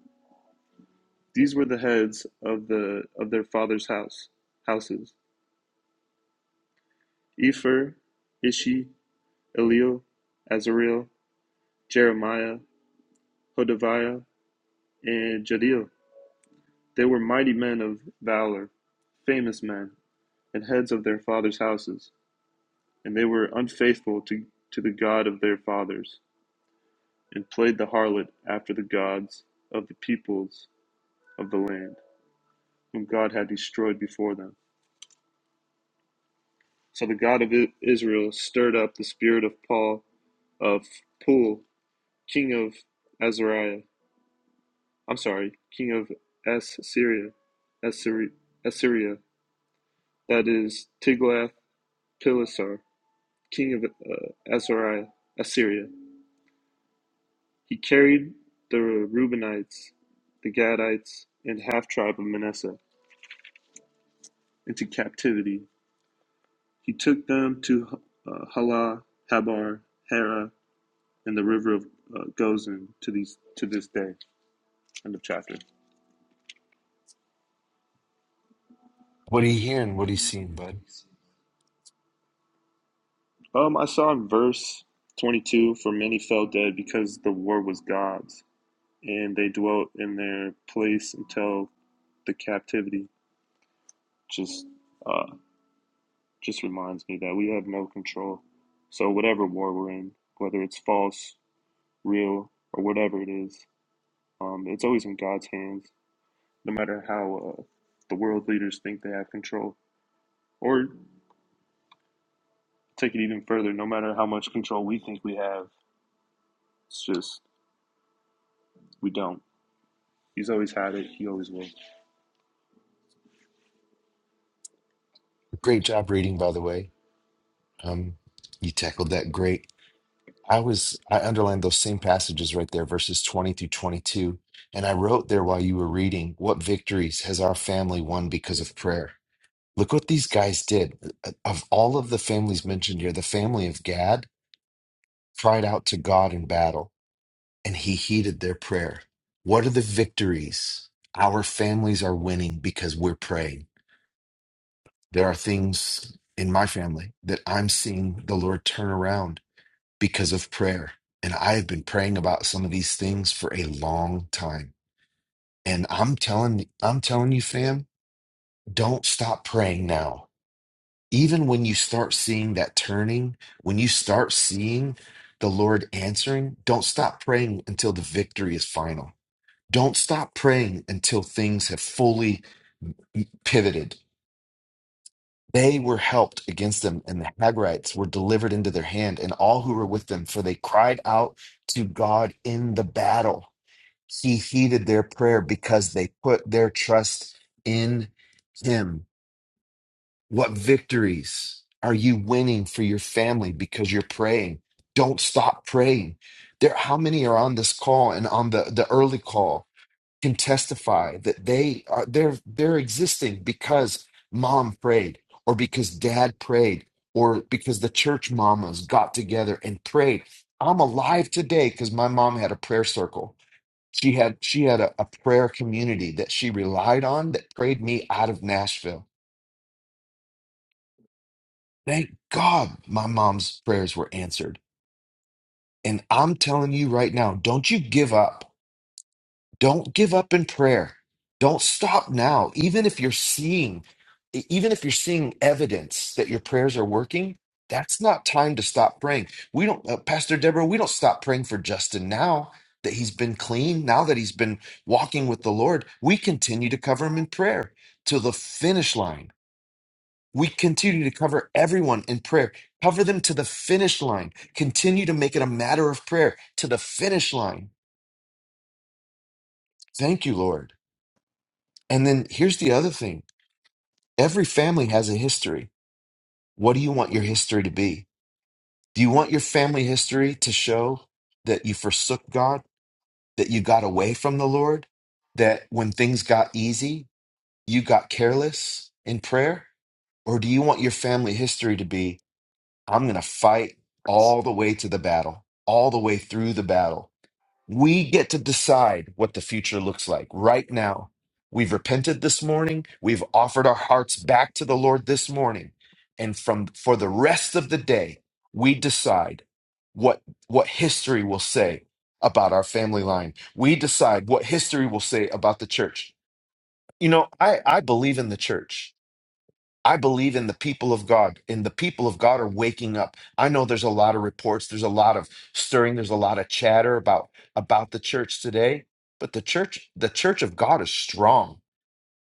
These were the heads of the of their fathers' house houses: Epher, Ishi, Eliel, Azariel, Jeremiah, Hodaviah, and Jadiel. They were mighty men of valor, famous men, and heads of their fathers' houses, and they were unfaithful to, to the God of their fathers, and played the harlot after the gods of the peoples of the land. whom God had destroyed before them. So the God of Israel stirred up the spirit of Paul of Pul, king of Azariah. I'm sorry, king of Assyria, Assyri- Assyria, that is Tiglath Pileser, king of uh, Azariah, Assyria. He carried the Reubenites, the Gadites, and half tribe of Manasseh into captivity. He took them to uh, Halah, Habar, Hara, in the river of uh, Gozan to these to this day. End of chapter. What are you hearing? What are you seeing, bud? Um, I saw in verse twenty-two, for many fell dead because the war was God's, and they dwelt in their place until the captivity. Just, uh, just reminds me that we have no control. So whatever war we're in, whether it's false, real, or whatever it is, um, it's always in God's hands. No matter how uh, the world leaders think they have control, or take it even further. No matter how much control we think we have, it's just we don't. He's always had it. He always will. Great job reading, by the way. Um, you tackled that great. I was I underlined those same passages right there, verses twenty through twenty-two, and I wrote there while you were reading, "What victories has our family won because of prayer?" Look what these guys did. Of all of the families mentioned here, the family of Gad cried out to God in battle. and he heeded their prayer. What are the victories our families are winning because we're praying? There are things in my family that I'm seeing the Lord turn around because of prayer. And I have been praying about some of these things for a long time. And I'm telling I'm telling you fam, don't stop praying now. Even when you start seeing that turning, when you start seeing the Lord answering, don't stop praying until the victory is final Don't stop praying until things have fully pivoted. They were helped against them, and the Hagrites were delivered into their hand, and all who were with them, for they cried out to God in the battle. He heeded their prayer because they put their trust in Him. What victories are you winning for your family because you're praying? Don't stop praying. There, how many are on this call and on the, the early call? can testify that they are they're they're existing because mom prayed or because dad prayed or because the church mamas got together and prayed i'm alive today because my mom had a prayer circle she had she had a, a prayer community that she relied on that prayed me out of nashville thank god my mom's prayers were answered and i'm telling you right now don't you give up Don't give up in prayer. Don't stop now. Even if you're seeing, e, even if you're seeing evidence that your prayers are working, that's not time to stop praying. We don't, uh, Pastor Deborah, we don't stop praying for Justin now that he's been clean, now that he's been walking with the Lord. We continue to cover him in prayer to the finish line. We continue to cover everyone in prayer. Cover them to the finish line. Continue to make it a matter of prayer to the finish line. Thank you, Lord. And then here's the other thing every family has a history. What do you want your history to be? Do you want your family history to show that you forsook God, that you got away from the Lord, that when things got easy, you got careless in prayer? Or do you want your family history to be, I'm going to fight all the way to the battle, all the way through the battle? We get to decide what the future looks like right now. We've repented this morning. We've offered our hearts back to the Lord this morning. And from for the rest of the day, we decide what what history will say about our family line. We decide what history will say about the church. You know, I I believe in the church. I believe in the people of God, and the people of God are waking up. I know there's a lot of reports, there's a lot of stirring, there's a lot of chatter about about the church today, but the church, the church of God is strong.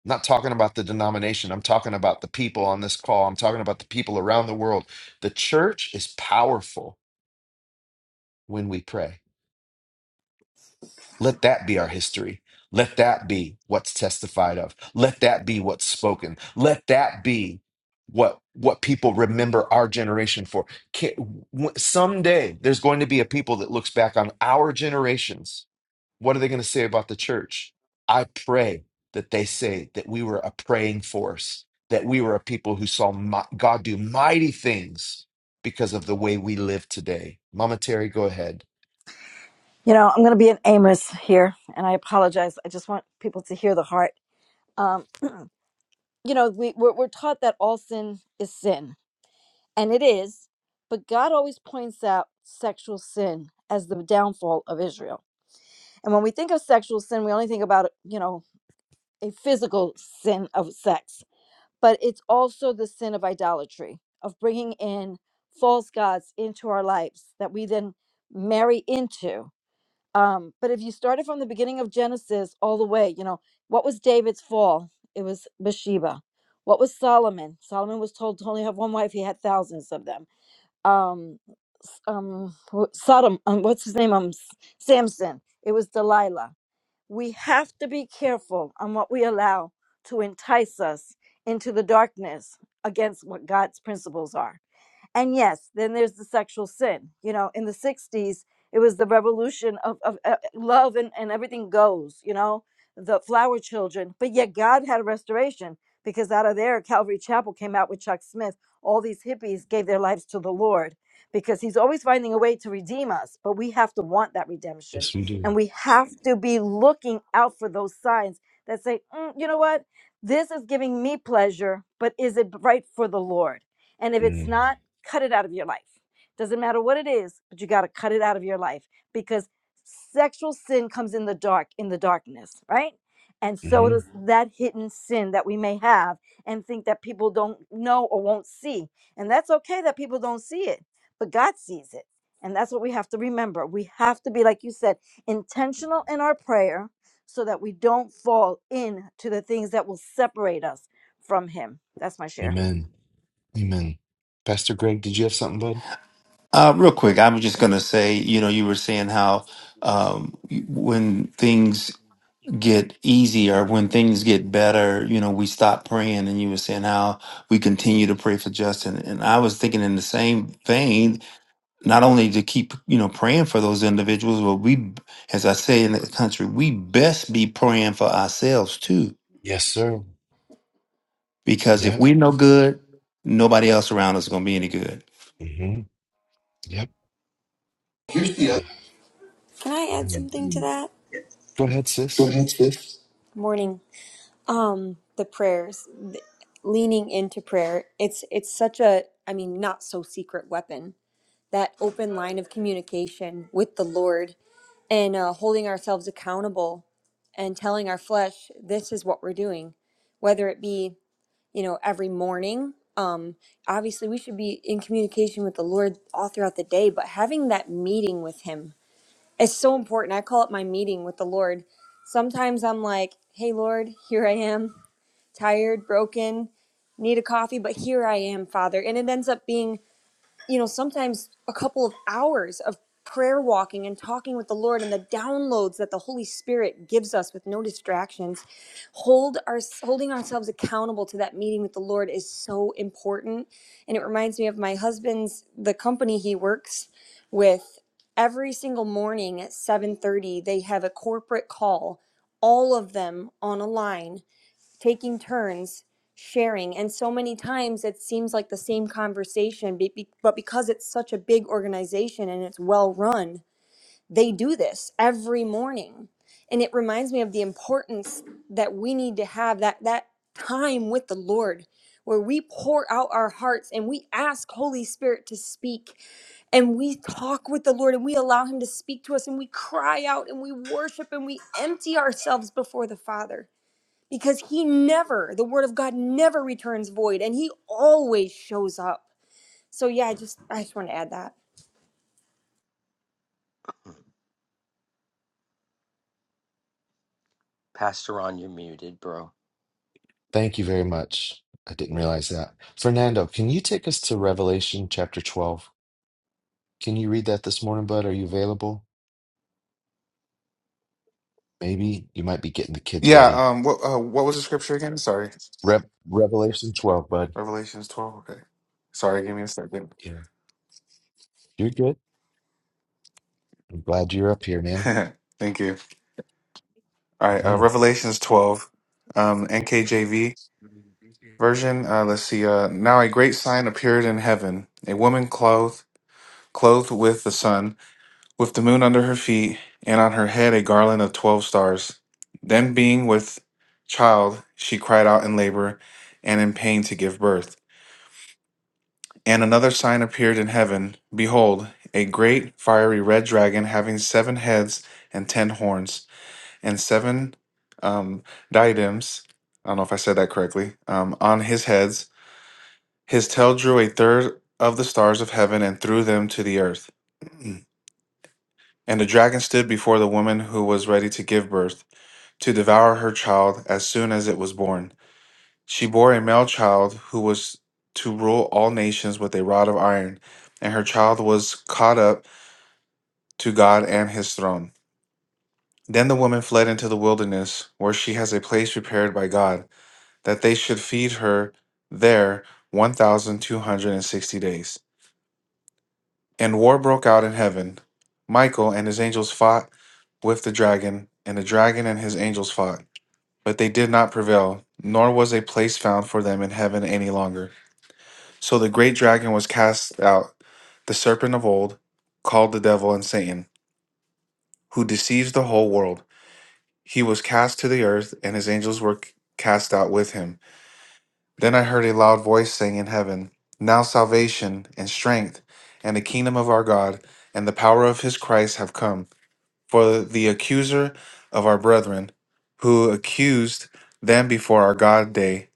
I'm not talking about the denomination. I'm talking about the people on this call. I'm talking about the people around the world. The church is powerful when we pray. Let that be our history. Let that be what's testified of. Let that be what's spoken. Let that be what what people remember our generation for. Can, w- someday there's going to be a people that looks back on our generations. What are they going to say about the church? I pray that they say that we were a praying force, that we were a people who saw mi- God do mighty things because of the way we live today. Mama Terry, go ahead. You know, I'm going to be an Amos here, and I apologize. I just want people to hear the heart. Um, you know we we're, we're taught that all sin is sin and it is but god always points out sexual sin as the downfall of israel and when we think of sexual sin we only think about you know a physical sin of sex but it's also the sin of idolatry of bringing in false gods into our lives that we then marry into um, but if you started from the beginning of Genesis all the way, you know, what was David's fall? It was Bathsheba. What was Solomon? Solomon was told to only have one wife. He had thousands of them. Um, S- um, wh- Sodom. Um, what's his name? Um, S- Samson. It was Delilah. We have to be careful on what we allow to entice us into the darkness against what God's principles are and yes, then there's the sexual sin. You know, in the 60s, it was the revolution of, of uh, love and, and everything goes, you know, the flower children. But yet God had a restoration because out of there, Calvary Chapel came out with Chuck Smith. All these hippies gave their lives to the Lord because he's always finding a way to redeem us, but we have to want that redemption. And we have to be looking out for those signs that say, "Mm, you know what? This is giving me pleasure, but is it right for the Lord? And if it's not, cut it out of your life. Doesn't matter what it is, but you got to cut it out of your life because sexual sin comes in the dark, in the darkness, right? And so hmm does Mhm. that hidden sin that we may have and think that people don't know or won't see. And that's okay that people don't see it, but God sees it. And that's what we have to remember. We have to be, like you said, intentional in our prayer so that we don't fall into the things that will separate us from Him. That's my share. Amen. Amen. Pastor Greg, did you have something, bud? Uh, real quick, I was just gonna say, you know, you were saying how um, when things get easier, when things get better, you know, we stop praying, and you were saying how we continue to pray for Justin. And I was thinking in the same vein, not only to keep you know praying for those individuals but we as i say in the country we best be praying for ourselves too Yes, sir. because if Yep. we're no good nobody else around us is going to be any good hmm Yep. Here's the Yeah. other. Can I add Yep. Mm. something to that? Go ahead, Go sis. ahead, sis. Morning. Um, the prayers, leaning into prayer. It's it's such a, I mean, not so secret weapon. That open line of communication with the Lord and uh, holding ourselves accountable and telling our flesh this is what we're doing, whether it be you know every morning. Um, obviously, we should be in communication with the Lord all throughout the day, but having that meeting with Him it's so important. I call it my meeting with the Lord. Sometimes I'm like, hey, Lord, here I am, tired, broken, need a coffee, but here I am, Father. And it ends up being, you know, sometimes a couple of hours of prayer walking and talking with the Lord and the downloads that the Holy Spirit gives us with no distractions hold our holding ourselves accountable to that meeting with the lord is so important and it reminds me of my husband's the company he works with every single morning at 7:30 they have a corporate call all of them on a line taking turns sharing and so many times it seems like the same conversation be- be- but because it's such a big organization and it's well run they do this every morning. And it reminds me of the importance that we need to have that that time with the Lord where we pour out our hearts and we ask Holy Spirit to speak and we talk with the Lord and we allow him to speak to us and we cry out and we worship and we empty ourselves before the Father because he never the word of God never returns void and he always shows up. So yeah, I just I just want to add that. Pastor Ron, you're muted, bro. Thank you very much. I didn't realize that. Fernando, can you take us to Revelation chapter 12? Can you read that this morning, bud? Are you available? Maybe you might be getting the kids Yeah. ready. Um. What uh, What was the scripture again? Sorry. Rep Revelation 12, bud. Revelations twelve. Okay. Sorry. Give me a second. Yeah. You're good. I'm glad you're up here, man. Thank you. All right. Uh, Mhm. Revelations twelve. Um. NKJV version. Uh. Let's see. Uh. Now a great sign appeared in heaven: a woman clothed clothed with the sun, with the moon under her feet, and on her head a garland of twelve stars. Then, being with child, she cried out in labor and in pain to give birth. And another sign appeared in heaven Behold, a great fiery red dragon having seven heads and ten horns, and seven um, diadems. I don't know if I said that correctly. Um, on his heads, his tail drew a third of the stars of heaven and threw them to the earth. And the dragon stood before the woman who was ready to give birth, to devour her child as soon as it was born. She bore a male child who was to rule all nations with a rod of iron, and her child was caught up to God and his throne. Then the woman fled into the wilderness, where she has a place prepared by God, that they should feed her there 1,260 days. And war broke out in heaven. Michael and his angels fought with the dragon, and the dragon and his angels fought. But they did not prevail, nor was a place found for them in heaven any longer. So the great dragon was cast out, the serpent of old, called the devil and Satan, who deceives the whole world. He was cast to the earth, and his angels were c- cast out with him. Then I heard a loud voice saying in heaven, Now salvation and strength and the kingdom of our God and the power of his Christ have come. For the accuser of our brethren, who accused them before our God day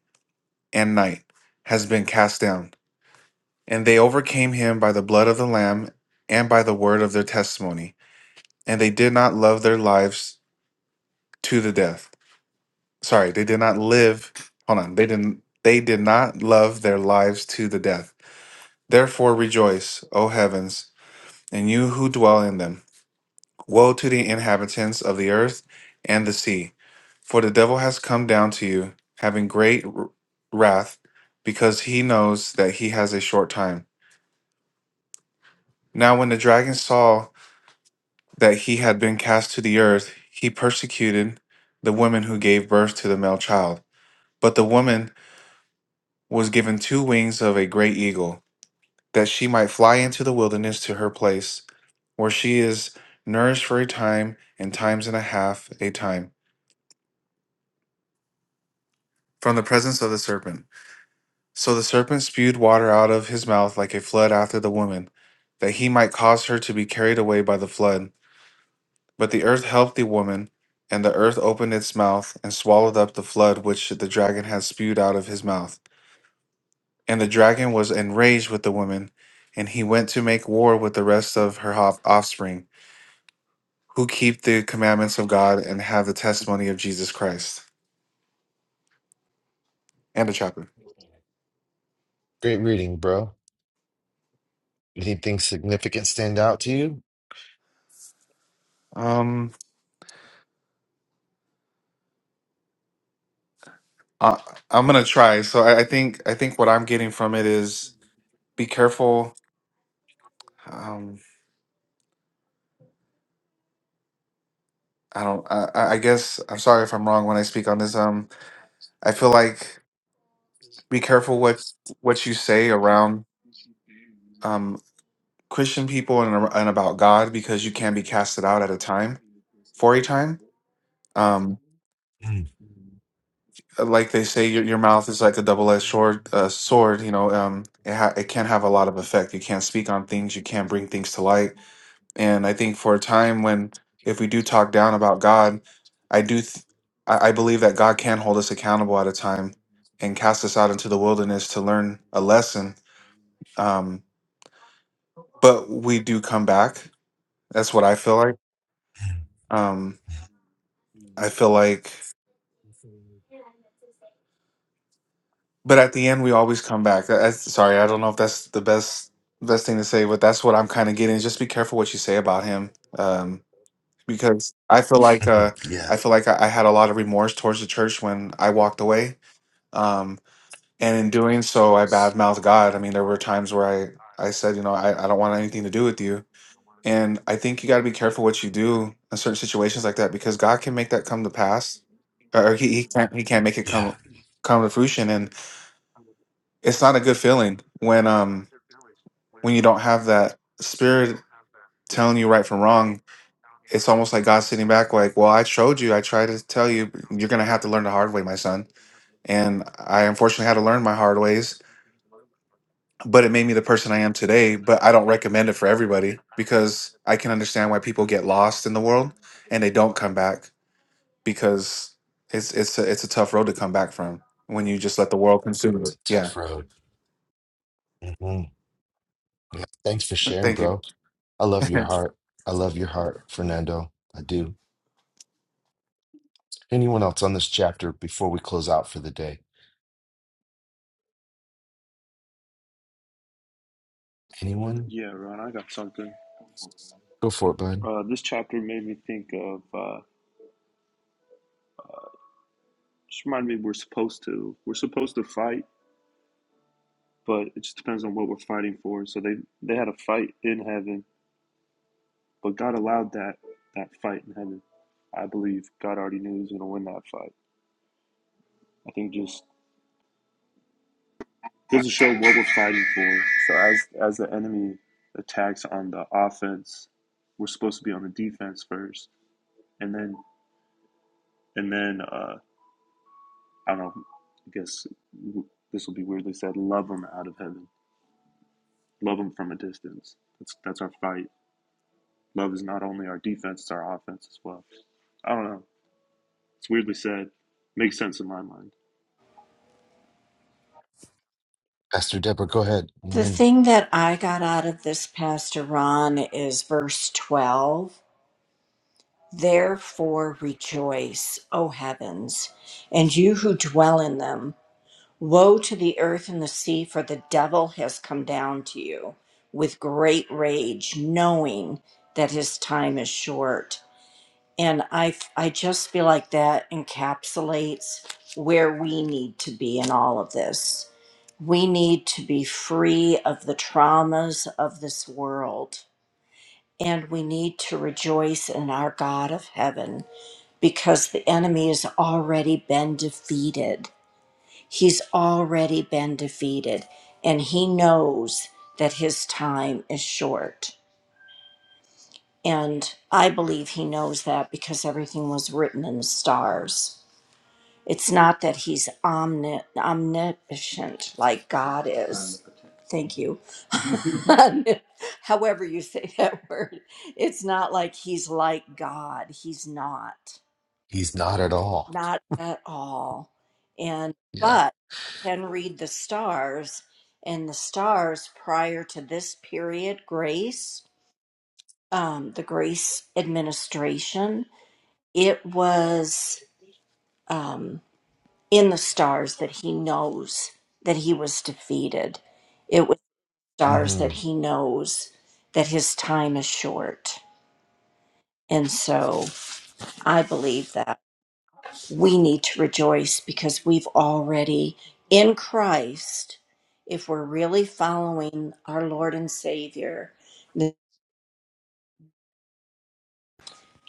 and night, has been cast down. And they overcame him by the blood of the Lamb and by the word of their testimony. And they did not love their lives to the death. Sorry, they did not live. Hold on. They didn't they did not love their lives to the death. Therefore rejoice, O heavens, and you who dwell in them. Woe to the inhabitants of the earth and the sea, for the devil has come down to you, having great r- wrath, because he knows that he has a short time. Now when the dragon saw that he had been cast to the earth, he persecuted the woman who gave birth to the male child. But the woman was given two wings of a great eagle, that she might fly into the wilderness to her place, where she is nourished for a time and times and a half a time from the presence of the serpent. So the serpent spewed water out of his mouth like a flood after the woman, that he might cause her to be carried away by the flood. But the earth helped the woman, and the earth opened its mouth and swallowed up the flood which the dragon had spewed out of his mouth. And the dragon was enraged with the woman, and he went to make war with the rest of her hof- offspring, who keep the commandments of God and have the testimony of Jesus Christ. And a chapter. Great reading, bro. Anything significant stand out to you? Um, I, I'm gonna try. So I, I think I think what I'm getting from it is be careful. Um, I don't. I, I I guess I'm sorry if I'm wrong when I speak on this. Um, I feel like. be careful what what you say around um, Christian people and, ar- and about God because you can be casted out at a time for a time. Um, Mhm. like they say, your, your mouth is like a double-edged sword. Uh, sword, you know, um, it ha- it can have a lot of effect. You can't speak on things. You can't bring things to light. And I think for a time when if we do talk down about God, I do. Th- I I believe that God can hold us accountable at a time and cast us out into the wilderness to learn a lesson Um, but we do come back. That's what I feel like. Um, I feel like, but at the end, we always come back. That- That's, sorry, I don't know if that's the best best thing to say, but that's what I'm kind of getting. Just be careful what you say about him, um, because I feel like uh, I yeah. feel like I, I had a lot of remorse towards the church when I walked away, um, and in doing so, I badmouthed God. I mean, there were times where I I said, you know, I, I don't want anything to do with you And I think you got to be careful what you do in certain situations like that because God can make that come to pass, or he, he can't he can't make it Yeah. come come to fruition. And it's not a good feeling when um when you don't have that spirit telling you right from wrong. It's almost like God sitting back, like, "Well, I showed you. I tried to tell you. but You're gonna have to learn the hard way, my son." And I unfortunately had to learn my hard ways, but it made me the person I am today. But I don't recommend it for everybody because I can understand why people get lost in the world and they don't come back because it's it's a, it's a tough road to come back from when you just let the world consume it. Yeah. Tough road. hmm Thanks for sharing, Thank you. bro. I love your heart. I love your heart, Fernando. I do. Anyone else on this chapter before we close out for the day? Anyone? Yeah, Ron, I got something. Go for it, bud. Uh, this chapter made me think of. Uh, just reminded me we're supposed to. We're supposed to fight, but it just depends on what we're fighting for. So they they had a fight in heaven, but God allowed that that fight in heaven. I believe God already knew He was going to win that fight. I think just goes to show what we're fighting for. So as as the enemy attacks on the offense, we're supposed to be on the defense first, and then and then uh, I don't know. I guess this will be weirdly said. Love them out of heaven. Love them from a distance. That's that's our fight. Love is not only our defense; it's our offense as well. I don't know. It's weirdly said. Makes sense in my mind. Pastor Deborah, go ahead. The Amen. thing that I got out of this, Pastor Ron, is verse 12. Therefore rejoice, O heavens, and you who dwell in them. Woe to the earth and the sea, for the devil has come down to you with great rage, knowing that his time is short. And I, I just feel like that encapsulates where we need to be in all of this. We need to be free of the traumas of this world. And we need to rejoice in our God of heaven because the enemy has already been defeated. He's already been defeated. And he knows that his time is short. And I believe he knows that because everything was written in the stars. It's not that he's omni- omniscient like God is. Thank you. However, you say that word, it's not like he's like God. He's not, He's not at all. not at all. And, Yeah. but can read the stars, and the stars prior to this period, grace, um, the grace administration, it was. Um, in the stars that he knows that he was defeated. It was the stars hmm that he knows that his time is short. And so I believe that we need to rejoice because we've already in Christ, if we're really following our Lord and Savior, the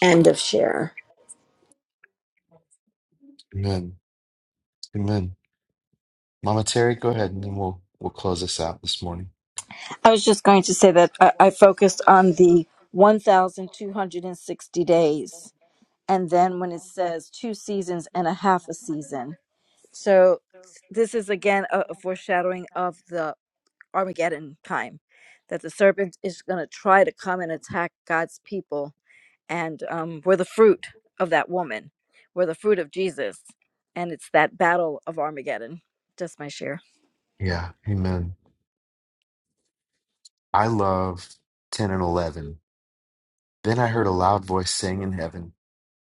end of share. Amen. Amen. Mama Terry, go ahead, and then we'll we'll close this out this morning. I was just going to say that I, I focused on the 1,260 days, and then when it says two seasons and a half a season. So this is again a, a foreshadowing of the Armageddon time that the serpent is going to try to come and attack God's people and um, we're the fruit of that woman. We're the fruit of Jesus, and it's that battle of Armageddon. Just my share. Yeah. Amen. I love ten and eleven. Then I heard a loud voice saying in heaven.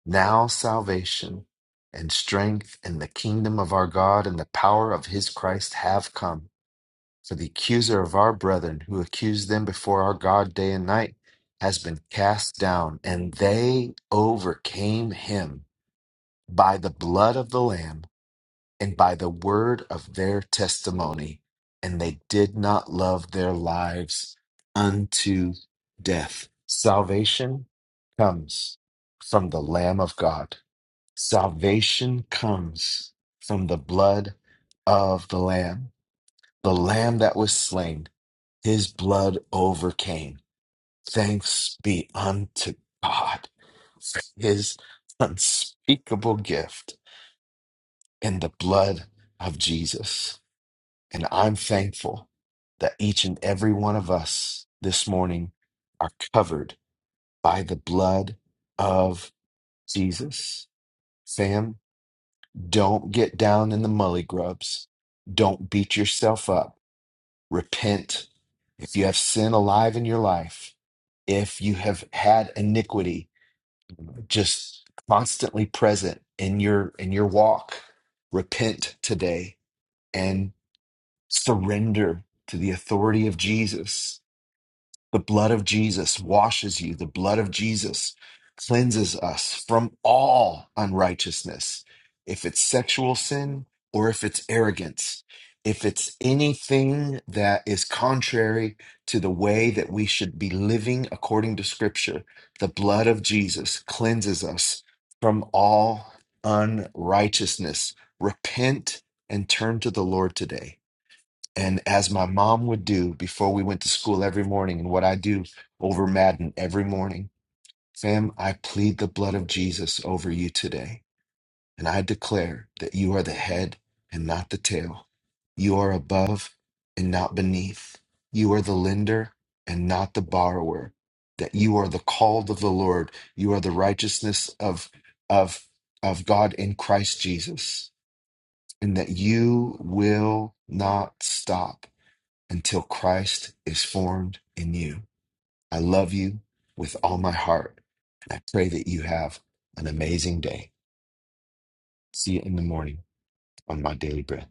now salvation and strength and the kingdom of our God and the power of his Christ have come. For the accuser of our brethren who accused them before our God day and night has been cast down, and they overcame him by the blood of the Lamb and by the word of their testimony, and they did not love their lives unto death. Salvation comes from the Lamb of God Salvation comes from the blood of the Lamb, the Lamb that was slain. His blood overcame. Thanks be unto God for his unspeakable gift in the blood of Jesus. And I'm thankful that each and every one of us this morning are covered by the blood of Jesus. Sam, Don't get down in the mully grubs. Don't beat yourself up. Repent. If you have sin alive in your life, if you have had iniquity just constantly present in your in your walk, repent today and surrender to the authority of Jesus the blood of Jesus washes you. The blood of Jesus cleanses us from all unrighteousness. If it's sexual sin or if it's arrogance, if it's anything that is contrary to the way that we should be living according to Scripture, the blood of Jesus cleanses us from all unrighteousness. Repent and turn to the Lord today. And as my mom would do before we went to school every morning, and what I do over Madden every morning, fam, I plead the blood of Jesus over you today. And I declare that you are the head and not the tail. You are above and not beneath. You are the lender and not the borrower. That you are the called of the Lord. You are the righteousness of, of, of God in Christ Jesus. And that you will not stop until Christ is formed in you. I love you with all my heart. I pray that you have an amazing day. See you in the morning on my daily bread.